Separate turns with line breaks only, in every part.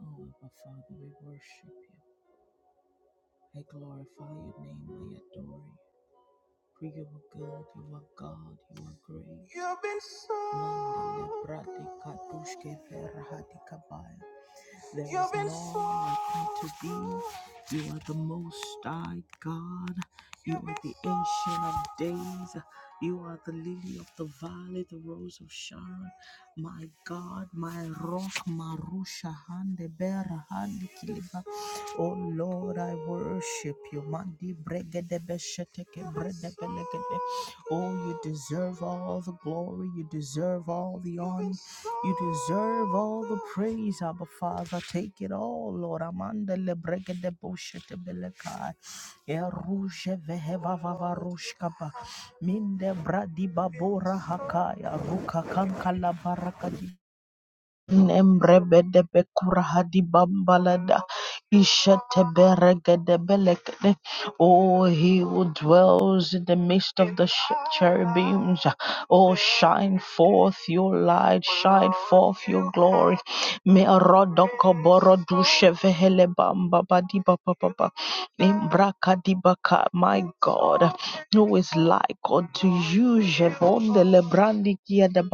Oh, Abba Father, we worship you. I glorify your name. I adore you. For you are good. You are God. You are great. You've been so Mandele brate katushke ferahati there You've is been none like unto so thee. You are the most high God. You You've are been the so ancient of days. You are the lily of the valley, the rose of Sharon. My God, my rock, Marusha Hande Bera Hande Kiliba. Oh Lord, I worship you. Mandi Bregede Besheteke Bredebeleke Oh, you deserve all the glory. You deserve all the honor. You deserve all the praise, Abba Father. Take it all, Lord. Amanda le breke de boshe te belekai. Eruje veheva vavarushkaba. Minde bradi babora hakaya. Ruka kanka la Nembrebede kurahadi bambalada ishete beregede belekede. Oh, he who dwells in the midst of the sh- cherubims. Oh, shine forth your light, shine forth your glory. Me rodoko borodu shevehele bamba badi baba baba. Imbrakadi baka, my God, who is like unto you, Jevon de lebrandi kiadaba.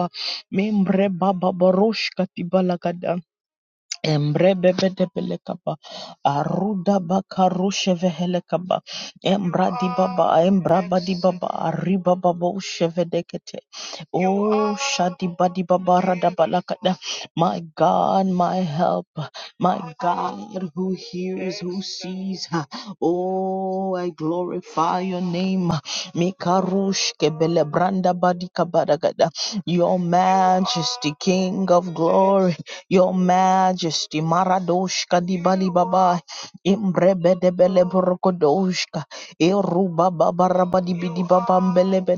Membre baba baroshka tibalagada. Embrebebedebelekaba, arudabakarushevehekaba, embradibaba, embrabadibaba, aribababoshevedekete. Oh, shadibadibaba, radabalakada. my God, my help, my God who hears, who sees. Oh, I glorify your name. Mikarushkebelebrandabadikabadagada. Your majesty, King of glory. Your Majesty, Maradoshka di Bali Baba, Imbrebede Bele Borokodoshka, Iruba Baba Rabadi Bidi Baba Mbelebe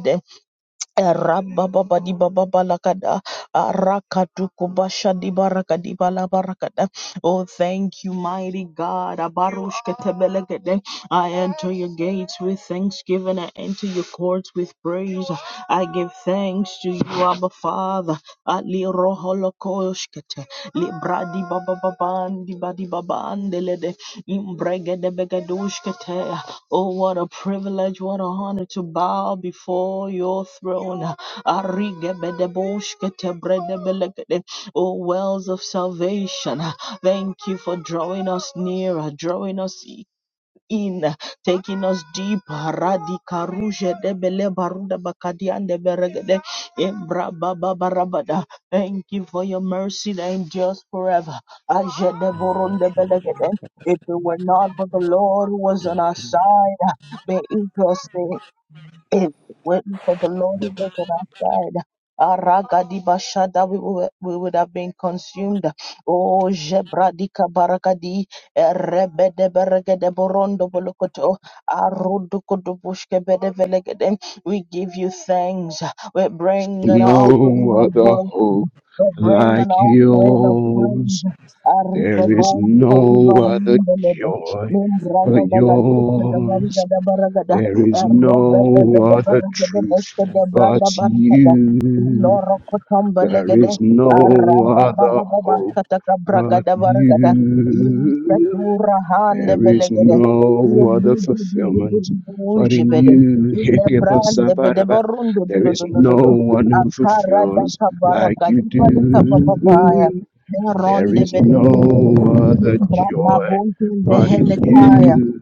Rabababa baba lakada arakatuku basha di baraka di bala barakada. Oh, thank you, mighty God. Abarush ketebelekede. I enter your gates with thanksgiving. I enter your courts with praise. I give thanks to you, Abba Father. Ali roholokoshkete. Libradi baba babandi badi babande lede. Imbregede begadushkete. Oh, what a privilege, what an honor to bow before your throne. Arigebedeboshketebredebelekede. Oh, wells of salvation. Thank you for drawing us nearer, drawing us in, taking us deep. Radika Ruje de Bele Baruda Bakadian de Beregede Imbra Baba Barabada. Thank you for your mercy that endures forever. Aje de Borun de Belegede. If it were not for the Lord who was on our side, may Israel say is waiting for the Lord who was on our side. Aragadibashada, we, wou- we would have been consumed. Oh, Jebradika Barakadi, Rebede Beregede Borondo Bolokoto, Arudukudubushke Bedevelegede. We give you thanks. We bring it all.
No other hope
We bring an
like
offering of praise.
yours. There is
Arigabo
no other
Sadibarin Belebe.
joy
Mimbraga
but
Gagadu Sadabariga
yours.
Dabaragada.
There is
Erobe Bebe de
no other
Baragade
truth
Beshte
Thank
de Braga
but
Baragada.
you.
you.
Loro Kotomba
There
Legade.
is no
Aramba
other
Baba Baba
hope
Sataka Braga
but
Dabaragada.
you.
Isatura Hande
There is
Belegade.
no other fulfillment but
Yomuji
in
Bede.
you.
Ile Brande Bede
Hikipasapatapa.
Barundo
There is no one who
akarada
fulfills like
kabaraga
you
dibali kababaya
do. There
neronde
is no
bedebelegede
other
nimbra
joy
babonte
but in
behelekaya
you.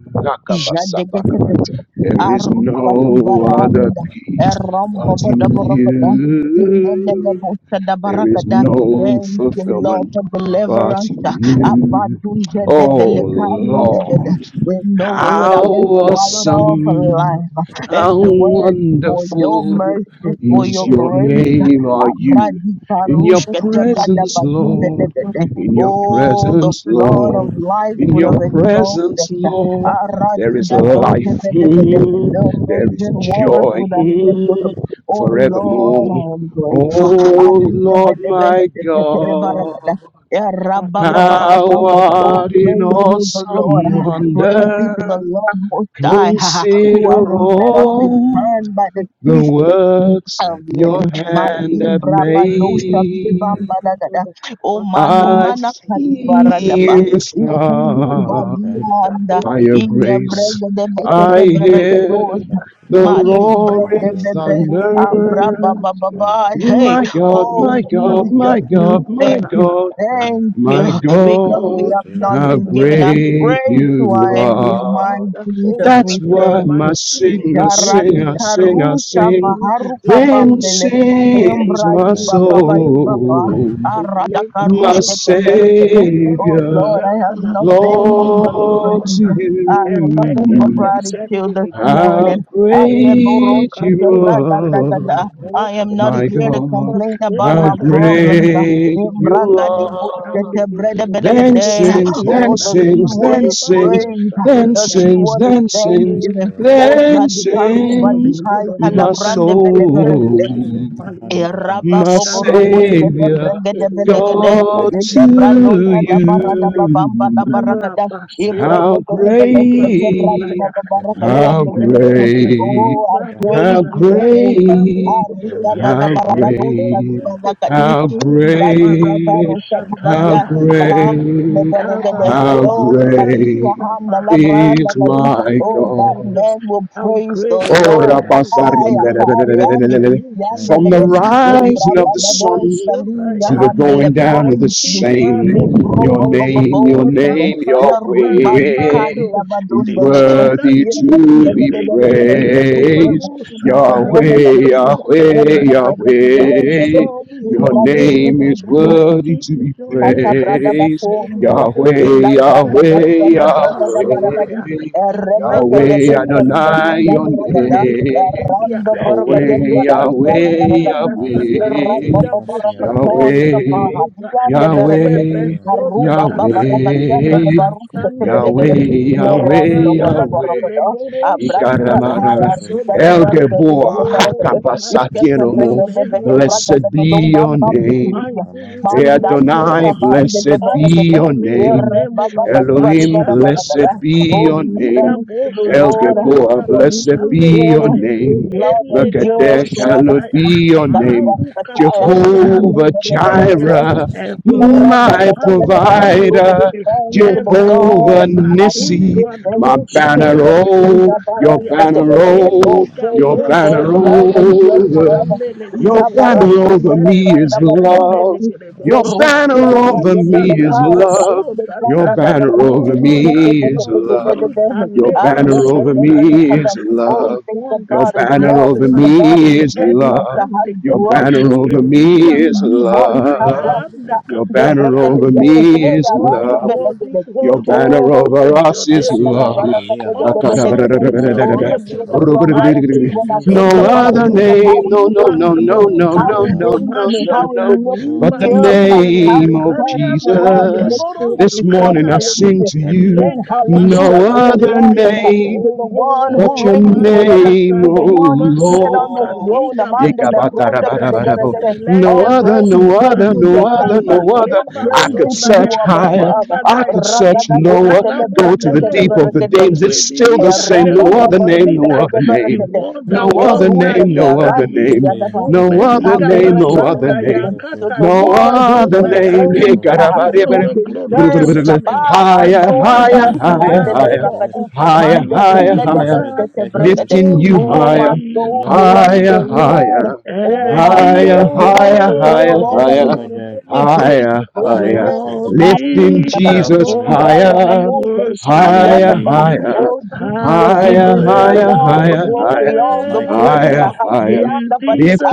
jadegetekete
Lakapasapakapa. There is
arusati
no other
baranda
peace
erombo
but in
bodaborogada
you.
imelelebosa
There is
dabaragada
no
Thank you, Lord,
fulfillment
for
but
deliverance.
in you.
Abadunze
Oh
develekari ndebede.
Lord,
We know we would
how
have
Thank
been swallowed up
awesome,
alive if
how
it weren't for your
wonderful
mercy, for
is
your
your
grace.
name, are you?
Abradika
In your
rushkete brada
presence,
baginde de
Lord,
de de. de.
in your
Oh, the
presence,
flood of
Lord,
life
in
would
your
have engulfed
presence,
us.
Lord, there is
Aradida doze
life,
de de de de. The
mm, there is
raging waters
joy
would have swept us up.
mm,
Oh Lord,
forevermore.
I am grateful.
Oh
Arida de
Lord
de de
my
de de de de baragada.
God,
Eh, rabba
you,
ba ba ba ba ba.
how
Oh,
art in
praise you, the Lord.
awesome
Praise be to the
wonder,
Lord Most High, who
consider
hasn't let us be
all
burned by the
the
teeth
works
of the
your
enemy. Mandi
hand hath
brabadosha
made.
bambalagada. O mani
I
mana kadibaradaba.
see the
Ikuru
star
Jesus.
badianda.
by your grace.
Ilebrega de beke
I
de
hear
beregadosa.
the
Mali brede
roaring
bebe.
thunder.
Abrabababa. Hey,
My God,
oh
my God, my
Jesus, we
God, my
thank you.
God,
Thank you,
my
Elisa
because we
God,
have
Bosa
not
how
been
Santa
given a
Patricia,
prey
great
to our
you
enemies. My
are.
Elisa
Jesus,
That's
we
Bosa
why
thank you.
My
my
is
singer,
your name,
singer,
Lord.
singer,
Jaradikarusha
sing.
Holy is
vaharuka
your name,
Then
Lord.
bambele
Awesome
sings
embradi
my
is
baba
your
badi
name, Lord.
baba
soul,
Eleba
my
aradakarushka
bocha
tebelebele.
kariba
Oh
Savior,
Lord,
bocha
I have
kana kujeni
nothing but
Lord to
bukumbaya.
praise. I have nothing
Eleke
but
you.
pesendi
gratitude this
digerebo.
How
morning.
Elba
great
Andeboroshka
you
katuya.
are.
tebradadadada. I
Karoko
am not
My
here to
kulipa
God,
complain about
how
my
sunda na baraba.
problems.
great you
Eleba
Embragadibushka
are.
basande digerebo.
Then
tebredebelekede.
sins,
Sutulia
Thank
then
Oh,
you.
na
the key
sins,
word
then
is
kapaleba
you.
sins,
What
praise.
bocha
then
is
The
talia.
key
sins,
word is
then sins,
Thank
Digerebo.
thanksgiving.
you, Lord.
O
Father,
then
jadi
we bless
Thank
karuba
your
di
sins,
name, O
kai
Lord,
my
that
kalabrande
we
bede bere
you, oh,
thank
soul,
my
you.
soul. My
Oh,
hand
I
in my
Malika
hand.
my
The brain that
basande
Savior,
Remember
God
those
thank you,
who
Father.
lift
to
up a
Thank
standard.
you.
Brava
you.
Bashet,
How
Sadi
great
Brasundaya.
thank you for my soul.
how
Messe,
Leave the Father.
great,
Viva
Thank you.
praise
how
Rosa,
you, Jehovah.
Taliba
great,
Ariga
Rosotolia,
Oh,
bada
thank
how
you.
and
barabarosa di
great,
Bodu
thank you,
Tipi,
balakadi
how
Ika
imbradi
great,
kabarosa
Balabosha,
di
Father.
how
badia
Tadiando
ba
Tipi,
great,
Yara
leberegede.
how
Oh,
Bosa,
kadia
great
Talisa,
handa
Ba. how
labranda
is
great
kadi.
are
Thank
my
you,
Oh, that
God.
Jesus?
man will
How
praise the
great are you,
Lord.
you. thank you. thank you.
Jesus?
Haya
How
kari
great
andi
are you,
Thank you,
From
bibiande
the
Jesus?
Jesus.
rising of the
Embrababo
sun
Oh,
Salia
to
Ikuribasundaya,
the
so
and
much.
the
The
going down
lebran,
of the
mighty
Thank you.
Imbrabababosalia handelebrandi.
man
same,
of
your
war, the
name, your
war
Thank
that
Nimbrobababosalia.
name,
fights my
Yahweh,
battle,
is
the
Yarubadikaritabadondelegere.
war that
worthy
gives
to
me
be
victory.
Irendegedegedegede.
praised.
Kelibaro
Iskendabundelebrada.
sataniga
Yahweh, Yahweh,
posundaya.
Yarubadabadabadabadabada.
Yahweh,
Awesome is
your
your
you,
name, O
Lord.
name
Lord.
is
Thank you,
Imbradididididididim.
worthy
Mighty
to
is
be
your
Kata
name, O
brada
praised.
Father.
Lord.
Thank
bakonda
you,
be.
Lord,
Lord.
Yahweh,
brada
Thank
Yahweh,
basta
you,
da
Yes,
braga da
thank you,
baraga
Lord.
di.
Rabasundaya.
Yahweh,
Rebeke de
Yahweh,
busta
Rabasuta,
di
Yes,
Adonai,
bahanda
your
baraga
Imbra,
da.
name.
Deketebia.
Randa
Lord. Yes. Lord.
baraga de
Yahweh,
mbalandia da
Evocapolia
Yahweh,
baraga di.
handa
Asa,
Ira
Freya,
Yahweh,
tataringa
baba baraka
Hasiana,
bosande
toshka
legede
Yahweh,
baha.
boza.
Diande
the
baraga de.
Ere
beragade
Jubel, the
Yahweh,
Brand,
besota
Aruba
the
baba
Brand,
raga
tatari
diande
Yahweh,
de
prata
barusta
sande
sebedege de.
Yahweh,
legede.
Yahweh,
Era
Mirondo bada
Yahweh.
kate
baraka
leboro
Abradi
Ablita,
Ikaramarara,
shataliba
kakaya
Freya,
ruga di
El
sondaya.
bariga di
Geboa,
bele baraga
Oh,
de. beragade
mighty
Mrs.
Iskete
is your
Hakabasakiromo,
brega
name, O
bele
Mamas,
Lord.
braga de
blessed
dom
be
bam
your
bam bigi bigi
name.
Mighty is
Amante
your
Manda
Brand,
name, O
dusa
Adonai,
Lord
Cylinder
bande
blessed
Brand,
be
leberede.
your
awesome is your
Ere
name.
name, O
baba
Lord.
Brand
badi
Brand,
badi
Elohim,
bada bada
blessed
Mashakata.
bada.
Cylinder
be
Oh,
your
Brand,
give
Eliga
name.
thanks to the
bosha
El
Lord,
Geboa,
taliga
for He
blessed
Brand
is
basande
Brand,
be
good.
your
legere.
name.
His love
Elega
endures
Makadesh,
Isaac
forever.
basanda
hallowed
Brand,
ya.
Brand,
be your
Badi
name.
Maru
bada
katoli
Jehovah
hande kepolia.
bada.
Jireh,
Evoka
my
palu
Ra-da-da-da-da-da-da.
hande
Oh, give
provider.
kepe.
thanks to the
Brand,
God
Brand,
Jehovah
of
Erekota
God.
Nissi,
Give
imbra
thanks
my
to the
dosa
banner,
King of
tali
Kings.
oh,
hapa
your
talia.
banner,
Abarakatebede. Oh,
oh,
Eliga
praise
your
him for his
bosha
banner
love endures
taliba
over.
forever.
sande
Your
legere
banner
bosha
over
Itabarakandele
me is
telebere kende
love.
brandabadibidibidi.
legere
Your
bosia.
banner over me is love.
Ilagabaso
Irukurakadebelekarukaande
that
Your
God, you
banner
brandadadada.
over
all that
me is
loves
love.
me,
Brand,
Itebedebedebedebede.
and
Your banner over
Thank you,
me
Lebasonaya,
Arebedebedebede.
is
Father.
Oh,
you
love.
think
all
Your
that
about his
banner
fights
love.
over
Thank
Think
my
you, Lord.
about his
me
battle,
is
any
goodness
love.
that has
Your
handicap,
brought
Leave
banner
us alone.
over me is
Eligabasonaya,
Thank
love.
you,
you
the
Father.
Your
the bread
banner
Caponia,
that
over
is- Hey,
worthy,
me is
Thank
worthy,
you,
around the bread
love.
Father.
worthy,
Your
worthy,
banner
Oh,
worthy
over
is your
us is
name, O
Asila
Lord.
love.
luhalia na
No other
Awesome
kumeana.
is your
Kanani
Oh,
na
the
name, O
singer
Lord.
masadanga.
songwriter
Mighty
says, when I
is your
Jesus,
think
Kuzi
name,
about
O
it,
Lord.
Lord,
Laborante.
name,
how he
no, no,
Eliba
no,
saved me,
no,
Kuzu
no, no,
Rakota,
how he
no,
Baradadanda.
raised
no,
me,
no,
how he
no,
Mashata,
lifted
Oh,
but
Liba
the
me
thank
up,
you, Jesus.
Sondele,
how
name
he
of
turned me
Bekarianda,
around and
Thank
Jesus.
makes
you,
me
Keleboro,
like
This
the
Jesus.
sun.
morning I
Dukandaya,
sing
Hallelujah.
to
and
you,
Sing
Thank
lega
you, Jesus.
no
hallelujah to
Bashande,
the
other
Negede,
Lamb,
name
to the one
Thank
but
you,
Oh,
who
your
reigns
Jesus.
forever,
name,
Matata,
to
O
the one
Liba
Thank
seated
you,
on the
Sota,
Jesus.
Lord.
throne.
Liga
Amanda
Basondele,
Lebronda
Be-
Yeah, better,
Bedebedebede.
better, yeah,
No
Oh,
Elega
better,
other,
praise
better, better.
no
be to
Basuta,
other,
you,
no
Liga
other,
Jehovah.
no other.
Yeah,
Bahleba
I
better, better,
Praise be
could
to
better.
you,
Sondaya,
search
Abba
higher,
Father.
I could
Halagbada,
search
Ragada go
lower,
aláwọ̀
go
Yeah,
to
celebrande
the
better,
tẹ́lẹ̀
deep
better,
of the
celebrande
better.
names. It's
ògbéni
still the
níjà
same.
Thank
No
kẹ́rù
you,
other
Father.
òpó
name, no
níjà
other
the
name.
Rabababashadabedebedebede.
one
Thank
No
that
you.
was
other
that
name,
is
no
that
other
Father.
is
You
to
name.
reign
Erusheberandibiyadaba.
come
above
No
all.
other
meliga
name, no
You are the
other
basandaya
Ikakuredebelekete.
King
name.
of
To
all,
the
No
kataliba
one who
the
other
sondaya
mighty
name.
Lord
sustains,
of
I
hosts,
ah,
give you all
who
the
the
glory this
preserves,
ancient
morning
of days,
Shabbat,
I
our
Higher,
give
souls,
you you
the
higher,
owner of the
higher,
deserve
heavens
all
higher
and the earth,
Abusahandelebrakadi.
Lord
higher,
you
the
higher,
one who has
higher,
made the
deserve
earth
the
Mandebregedebeshetebregede.
fruitful
lifting you
glory
Oh, my
higher,
the
soul,
Lord
bless
Most High,
higher,
the Lord.
higher,
the
Oh,
and
my
mighty
the
higher,
soul,
Ebenezer,
bless the
higher,
the
Lord.
higher,
All that is
higher,
Jehovah
honor
within
Jireh.
me, praise
higher,
his holy
Father, we
higher,
name.
praise.
Lord, we
lifting
lift
you.
Hallelujah.
We
our
Jesus
acknowledge you
Imbra
in the
voice
heart.
in
higher,
gagagoza mikari
We
higher,
thank
Yadaba.
you,
worship
Father,
higher,
Oh Jesus,
as
the
you
you
higher,
marvelous
praise
deserve
higher,
your
God,
all the
higher,
holy
glory,
higher,
the
all the
mighty
name.
praise.
higher,
Redeemer,
higher,
You
Rianda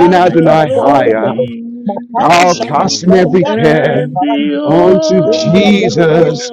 the
the
mighty
Adonai
karakonde
Restorer.
higher,
bebe.
glory
Makaru
I'll
Oh,
shadi
you
casting
are
every
worthy to be
barianda bele
praised.
care
and the
karandi.
onto
You are worthy to be
Embregededo
praised.
Jesus,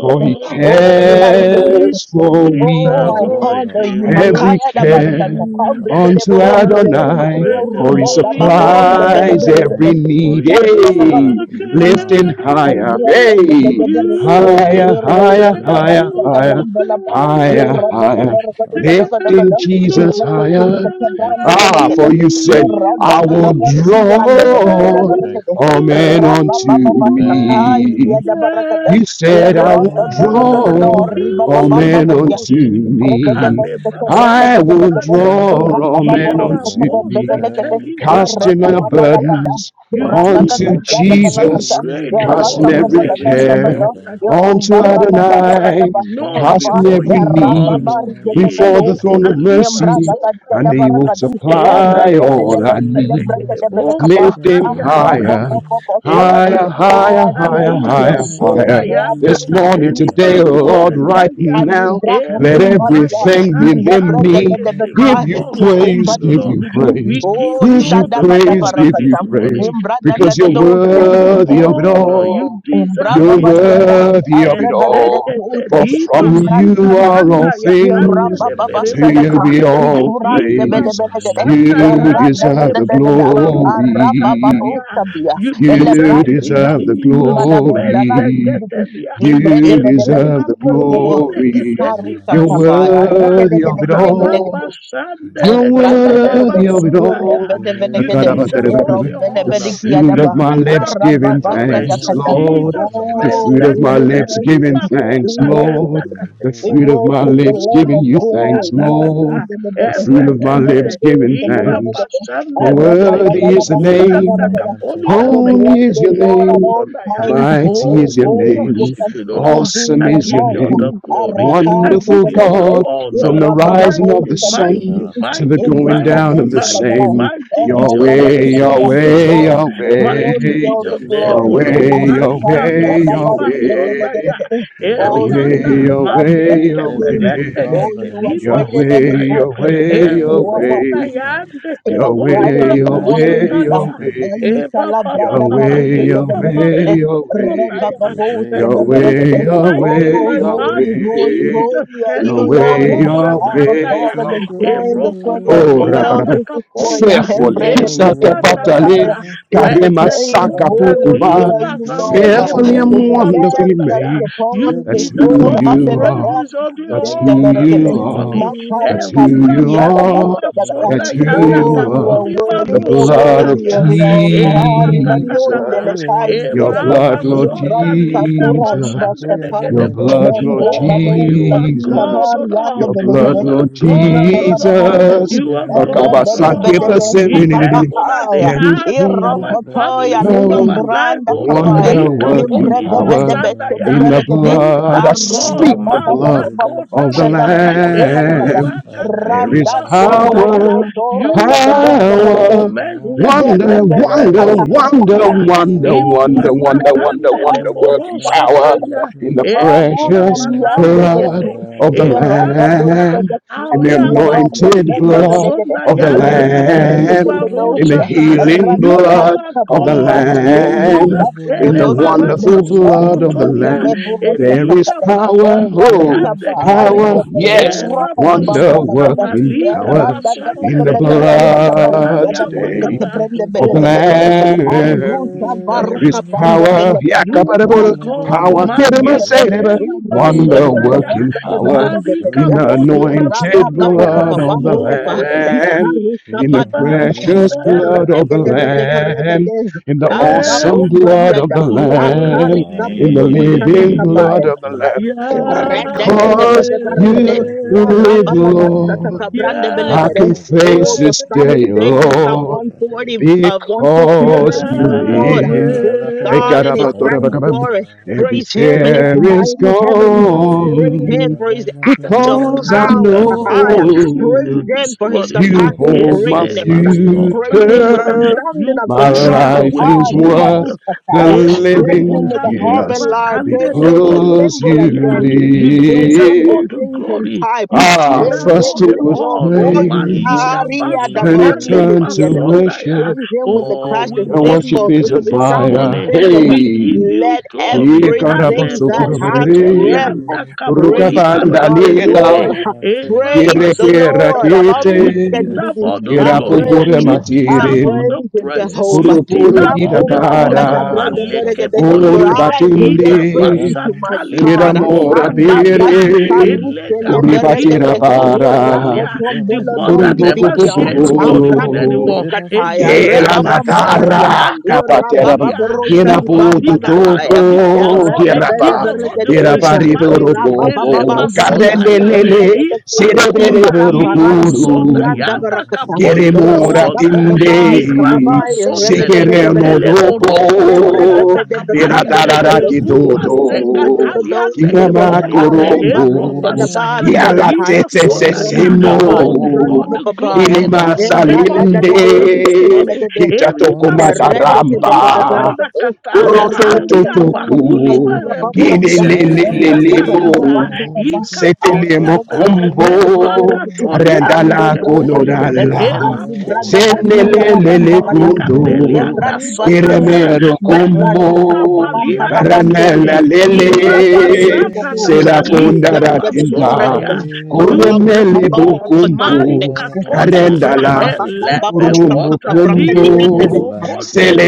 for he
You are worthy to
Oh, I
be
Lord,
praised.
we
worship
cares
you.
for
lift
Oh,
You
our
are
I
we
worthy,
voice
Lord.
honor
in
you.
every
Makaya da
care
basata.
Thank you,
worship
Father.
Kambregede
unto
boronde
as
lede.
you
Adonai,
Thank
praise
you,
your
for he
Yoruba
Father.
holy
baba boronde bele
name.
supplies
Thank
every
bele.
you, Father.
For
need.
Shadi baba
you
Bashar
Hey,
are
babu.
lifting
Lihalanda,
higher,
God.
hey,
Rabba
Ramanos
You do
higher,
Lianda,
higher,
Kudira
higher,
miracles
Batanda.
higher,
so great.
higher, higher,
Thank you, Father.
There
lifting
is no
Jesus higher.
one
Thank you,
like
Father.
Ah, for you said, I will
Thank you,
you.
Father.
draw
There is
Thank you,
all
Father.
men unto
no
Thank
one
you,
me.
Lord Jesus.
there
You said I will
Thank you,
like
draw all
Jesus.
you. We
men
Thank
unto
worship
you.
you.
me.
Kaleba, so
I will
Thank
draw all
you,
men
my
Ina
unto
Lord.
me
pose
Thank
telika
you.
casting our
pasondaya.
burdens
I
You do
have
Raga,
onto
the
miracles
nothing
so
other
to
Jesus,
give
great, O
you,
casting
Lord.
just
every
There
to
is
say
Eratakobaladondalodo,
care
none like
thank
you,
you.
onto
none beside
Adonai,
you, none
Thank
Erubabababababadabasakaba,
casting
before
you,
every
you, none
need
will
Jesus.
before the
be.
Thank
Erababarigedebeloosa,
throne of
you.
Alipa
mercy, and
sondaya.
He will
Hallelujah.
Embragagadiadabaragadi,
Eva
supply
Thank
all our
pasande
you,
legede
needs.
my God.
Eredededebestedebregedebelekaba,
bosa
Lift Him
Thank
tanya
higher,
you.
Akrobobobobos. Somebody,
Eva
higher,
Oh,
oh,
yeah,
higher,
I
conta
okay, okay.
higher,
praise you, I
liba
higher,
Thank
praise
higher.
you, I
sondayanda
This
you,
praise
my
you,
morning,
capelli
Father.
Jesus,
today, oh
we
Lord,
barusha
Thank
praise you.
right
telia.
now,
Alibraha
let
Eva
Thank
kumbadia,
baza
everything
tali
within
ilebre
hande
debe
me
debe
kete. We
give
ka,
you
worship you,
praise,
the
give
Lord.
you praise.
We give
Oh,
you
Give you
all the
shadaba
praise,
glory
give
this
you praise,
morning.
Imbra da
We
da
because
da
you're
give
do,
you all the
worthy of it
honor. You
all.
Embra
deserve
You're
it,
baba
O
diada,
Lord.
worthy of
abre
it
bebe de
all.
Ezekete
kote,
For
liba
from
embra di
suka
you
di di
are
di di,
all
kanda ya
yara
things,
le
baba
to you
berekoto
basadaka,
be
ya.
all
ikuran de
Ira
bede
praise.
bede bede,
basanda
You
yara da
yande
da
ke
deserve
da
the
da da
poli
da,
barosa
ara baba
tanda
glory.
bosabia,
you
ele
desire
You
brandi di
in
di di
deserve
di,
the
timba
Jesus'
da bunda landi di di
glory.
di,
Mezeketelia.
embre de
You
bede bede di
deserve
Eroka
di
the
buru gobo,
palite
glory.
ikaru
keteli
You're
satabaya,
basodaya.
worthy of it
rege de
all.
and
You're
Arabashandele ketele
Pradagada,
worthy of it all.
basodaya.
I
You
got
Rebedevegade,
up at
deserve all
The
the
the
honor.
fruit
You
of
Erombelebedigriadaba,
my lips
deserve all
giving
Arababasa
thanks,
adoration,
Dakata.
Lord.
Jesus.
The fruit
Oh,
of
we
my
will
lips
Mezeketeli
giving
worship, we
thanks,
bakondayanda
Lord.
worship,
The
we
ketelia.
fruit of my
worship the
lips
Lamb
Eruka
giving
of
you thanks,
God,
konyanda
Lord.
kata.
The
Marundebede,
fruit of my
you.
and
Eretete.
the
lips
days
giving
of the
Iba
thanks.
pasando de que de que
Worthy
Allah
de
is the
Buri
Masila
anda
name,
Maya
Capoli
I will
anda
Tepeti
que
holy
bless
te
is
the
your
Lord
iba
at
name,
all
sonaya.
times.
mighty
His
Oh,
is your
we
praise
Suradina
will
name,
worship you, Lord.
Shadada
continually be in
awesome
I
my
is your
give
mouth.
you all
name,
the glory. I
Arakan the
give
wonderful
Ibiradi
you all the
Shada
delegate,
God, from
honor.
the rising of the
Mighty,
sun
mighty,
to
Ambarata
the
mighty,
going
Futa
down
mighty,
of the
mighty,
Valata
Imbrodadosadaba,
same.
mighty is your name,
Yahweh,
Eradadadadada.
Asis
Jesus,
Yahweh,
O
Oh,
Lord.
to
Kasanda
you
Mighty
alone be
Yahweh,
all
is
You are
the
your
the
Yahweh,
name,
same
O
glory.
Yahweh,
Lord.
yesterday,
Yahweh,
Marika
today and forever.
Toliba Sondaya.
Arukahidadabarundadadadada.
You
Yahweh,
Oh,
reign above
Erianda
all.
Jesus, I
Yahweh,
bless
Mazuke
your
Every
name.
Yahweh,
knee
Pelende
Oh,
bows at the
you are
Yahweh,
mention
Keteliba
of
greater
your name.
than the
Sondaya.
greatest.
Yahweh,
You
Oh
are
thank
Erokonda
you,
Yahweh.
Father.
yande ke
well, brighter
Yahweh,
than the
polibaro
Thank you,
morning
Yahweh,
star.
precious
satalia.
King
Yahweh,
of God.
Ayika
Eva
la
papa
brada
Yahweh,
papa
baru, de
Thank
de
yika
you,
Yahweh,
Lord.
pare.
berede.
Yahweh,
konda
Reba
ya.
You
baboske
Thank
reign
de
Yahweh,
above
you
all.
berede.
for fighting
Yahweh,
Oh,
my
You
Yahweh,
holy,
reign above
battle,
holy,
all.
Jesus.
holy are you, Lord.
Yahweh,
Kelibaro
Nothing can be
Our
Yahweh,
compared
satandaya.
to
Father,
your
we
Yahweh.
join the
Eroko
Oh,
24
glory.
tolianda
Rakarabara,
elders this morning.
kapolia.
Your
fearfully,
Hembre de
glory
Eruka
kutote
reigns
Satapatale,
lekaya.
tatata.
above all.
We
Karema
proclaim,
Everything we
Mezekota
can
holy
give
Sakapokuba,
to
are
you,
liba
you, Lord.
sande ke
fearfully
To
and
the
poliba
glory.
Lamb
wonderfully
that is
sodaya.
made.
You
Your
upon the
That's
deserve
who
throne.
all
goodness
the
is
Amande
you
le
are.
everything.
praises, all the
brandi
That's
You
de
who
are the
honor this
berede.
you are.
morning.
mighty
Makaru
That's
God,
who
Eruka
kabili
you
ya
are.
kaliba
the
babasta
That's
sonda
mighty
who
yanda
Oh,
you
Lord
you
and
are.
are
kapoli
battle,
worthy,
The
you are
barosa
blood
the
of
worthy
talia.
of it
precious
all.
E
Father
Jesus.
patatata.
who
Haribadiondele
reigns
E
Your
kaipiadaba.
blood,
raba
Lord
sota
above.
Imbradika
all.
liga
kuradiba
Jesus.
basande
For your
Your
satai.
name is
negedebo.
blood, Lord
Membra
Oh,
babo
you
forever.
are
sakila
Jesus.
God, O
bari ande
Lord.
Your
The
blood,
bedegede.
You are
Lord
Lord is
Imbra
God, O
baba
your
dabar
Lord.
Jesus.
kubu.
You
Your
are
name
Erre
is
God, O
Akabasanke
Lord.
bebe
In
forever.
pasen-
heaven and
Aya,
the
There is
heart over
power
You are
my
Irokotoya,
family,
glorious to
over
be
power,
my life,
Limbranda
O Lord.
Your
Kabaya,
wonder
Ika
name is
working
poliba
power
Imbrebebebebete de
love,
sandaya.
in the
Beregade,
You
blood.
are
I
so
Aruba
God,
speak the
Baba
awesome
Baba
blood
to be
Baba
of
praised.
the
Mazakota
Shada Braga
Your name is
Lamb. There is
Rada do do
Ebarakataliba-sondaya.
powerful.
do
power,
do
You
Regade
are
Your
Bende
name
God.
is
Legade,
power,
powerful.
wonder,
Inde
Your
wonder,
name is
wonder,
Mezeketelebero-kotolia.
wonder, wonder, wonder,
awesome. I am
wonder,
so
wonder working
awesome
power
to be
Imbratakandeleboro-satalia.
praised.
in the
Your
Marunga
precious
name is
lianda de
blood
Ebupapalambekete.
of the
powerful, Lord
Yeraba
Jesus.
dosa
Eratata.
Lamb,
de
in
So
the
kaiki
powerful to
lavanda
be
anointed
grande de
praised.
de
blood
de de.
of the
Oh,
Rida
you
de de de
Lamb
de
in the
dosa.
reign
Ariabakoliba-sondayandakatelibarosata.
above all.
healing
Rada
You
blood
are
of the
You
bamba.
God,
reign
Embrada
Jesus.
Lamb,
do
above
do
in the
do
all
de
above.
wonderful
You
blood of the
Elebarabasototolia.
Lamb,
reign above
there
all.
is
Elika
power,
basanda
Your
oh,
yande
mercy and
kete.
power,
just
yes,
forever.
Era
You
bamba
wonder
are
da
the
da
basota
working
mighty,
taliga
power
sing the
basande
in the
you,
legede boza
the
blood
mighty
taliamba
today
Lord
kata.
of hosts.
of the
Oh,
I
you are
will
God,
Lamb.
Ambrusa
Jesus.
There
praise
is
your
varuka
name.
banda
power,
belebeku.
You
I
are
Yakabara,
will adore
God,
you
power,
ma
in
Kedema
the
Abrababuskatebe.
yeke
Sedeba,
house.
teli
Irondo
Oh,
wonder
basonda
you
ya.
working
are
katemendo
power.
bedabumbe
so
Marika
In
media.
the
awesome,
poli
Iraba
anointed
basonda
so
baba
ya.
baba
blood of the
awesome,
Oh,
bandelepa.
Yahweh.
Lamb,
Ikarusa
in
You
the
are
badija.
glorious,
precious
Father,
blood of the
Eredegede
Lamb,
bedeferegede.
in the
so
Amba
eh,
glorious
awesome
to
bomba
be
blood of
liada.
the
praised.
oh,
Akari
Lamb,
Ah,
in the
gabodo
Yahweh,
boshata
living
Hoko,
blood
see,
of the
Hoko,
Lamb. And
Karagadu,
because
Yahweh,
Re-de-de-de-be-de-be-re-ge-de.
Koya
you
Gabi,
live,
Kaya
Lord,
Guru,
I
Yahweh.
Le-ra-ba-ba-ba-sa-ta-ka-bran-de-be-le-ge-de.
can
Karanga
face
Oh,
Bibi,
the
this
psalmist
day,
says in Psalm
Kadadi
Lord
Gabi,
140, uh, 150,
because
praise
you
the
Sibila
Lord,
Bila
live.
praise
Laka,
God
Yahweh,
in his
Lala Lala,
sanctuary,
Every
praise him in his
fear is
mighty
You
heavens,
Yahweh,
don't fear my
praise
tongue
him
gone
and
for
my
his acts
Daddy,
of
I
because I
bow
power,
down
mother,
to
Ha-ha-ya.
worship
praise
you
know
him
this
for his
morning.
you
When
surpassing
I
hold my
Elebasotalia,
greatness,
say that
praise him
thank
with the
you,
future.
sounding
You
of the
My
are
trumpet,
life
Yahweh,
Ha,
is
praise your
worth
name.
everybody,
Jesus.
the
Praise
Oh,
him
living
with
thank
Epakota
the
you,
harp and
just
libra
lyre.
Lord
Praise him
Jesus.
with the
because
cymbal
you
and
candeleposotolia.
dancing.
You
Oh,
Praise him
deserve
Father.
with the
all
live.
the
strings and
glory.
pipe.
You
It's
Ah,
Praise
deserve
fear
him
all
first
the
it
with
was
your
honor.
voice.
Spirit
praise,
Malika
of the
Aria da
then it
basata
bonde
living,
turned
lipa
to
libia da
I am
ba.
sondaya.
worship.
Praise him with the
Oh,
clash
we
of
Your
open.
worship
cymbals,
worship
is
with
a
you
the
this
resounding
fire.
morning.
cymbals.
We
And I
give
Hey.
you
Let
for
glory.
you,
Tale
everything
you
that
boso
are
has
toli
breath
Pikarabasokurabarere,
handa
worthy to be
kapoli
praised.
praise
barande
the
You
kete.
Lord.
are
Purukabandalila,
my
Eva
Praise the
genius.
Lord.
basadaya.
You
You
Baruch
are the
Kirekirakete,
deserve
Kadibidi.
all the
I
excellent
glory.
praise,
You
God,
I
Kirapukuramatire,
deserve all the
praise
the
praises.
Jehovah.
glorious
You
King.
deserve all the
Yakumbalia
honor.
Kurupurugirabara,
dabra
Samaya
Maleke
Davana
deberegede. For
polia.
Liba
I will
Allahu
yet
Ira
Kuribatinde,
praise
basa
you,
Kama
my
Seba
talika
God.
boza
And
Samaya Dabi
dabra
talia.
di
Kiramorapere,
Ila
Eleka
karusele
Dabana
balika
beregede.
Kama
boza
Seba
Kuribatirabara,
talia. The
Seba
Irokotombolo
one that
dondi
Kuriboko
Samaya
never
divia.
Dabana
shares
popoporo.
glory
Dabana
with
Abrakush
anyone.
Ziba Sika
kataya.
Elega
Gera la tara
basota
Rebabambabadia.
Zika
yande
capateram.
kepolia.
Irabababorosa
Gena
You
di
are
putu
bigger than
topo.
bambalakaya.
all the gods, all the
gira
Erebebe
pa
demons, all the
Tera
deberegedosha.
pariboro
principalities.
popo.
Keleba
Rababababambidia.
sondaya.
Carrenelele.
Regede
Ipa
kusa
Serebere
kota liba
timbalambarandi bidibianda
sondaya.
kuru.
Takapoliba
Queremos
sondaya.
atender.
Rabababai,
Irapa
kababai,
Si
sondele
queremos
ketele
rebedebedebedebede,
boroko
loco.
tolianda
Mira
kapalia.
tarara
debrebebedebekandekede,
que
Eruba seka
todo.
taliande
iridibedebedokete,
Kirama
kepolia. Eroba
corombo. Y
shakata
a la
arebabisedabandeleka,
liba
tete se
sondaya.
imbradibabai,
Oh, take all
semo.
the
imbradibababai,
glory, O
Milima
Lord. Take all the
salinde.
honor this morning.
imbradadadadosketebelekede,
Kita toko
Eriba
and the
sokoto liba
brother,
matarampa.
randa kata. Alia
Korotototoku,
bakuli
Oh, yeah.
barebo
ah
seteli
oh,
anda
Kinelelelemo,
oh, oh,
kata.
oh.
Ika
Setelemo
polia
ah
da
ah
Kumbo,
yeah, yeah, yeah,
meraka
yeah.
tolia de
Randala
ah yeah,
kepolia.
yeah, yeah,
Konorala,
and the
yeah.
Erabo
brother, Bakura,
setelege
ah
Senelele
boni
Babamba,
yeah,
it's the
kandelia
Kundo,
da
Brady
yeah, oh,
Badushka,
sotala.
oh.
Kiremero
a
ah
Brady
yeah,
Mendoka
Kumbo,
yeah, yeah,
Kababam,
palia de
Babam,
yeah, yeah.
Teddy,
kete.
Baranela Lele,
Oh,
Ribba,
ah
Iraba sata
Babarabu,
yeah,
tata
ah
it's
Serakonda
yeah.
the
lika basota
Rakinda,
ah
ya.
Bedabedaberagada,
yeah,
You
ah
Rabba,
are
Kunemele
yeah.
God.
Bababarabaton,
bukumbu,
Oh,
Maria
what a
Teleka, a
mighty
Tolia.
arendala,
Brabba,
Eh,
God,
bukurumbu
Bababashka,
lebekota
The
kumbu,
glorious
Bracadian,
Lamb of
liborokonde
God,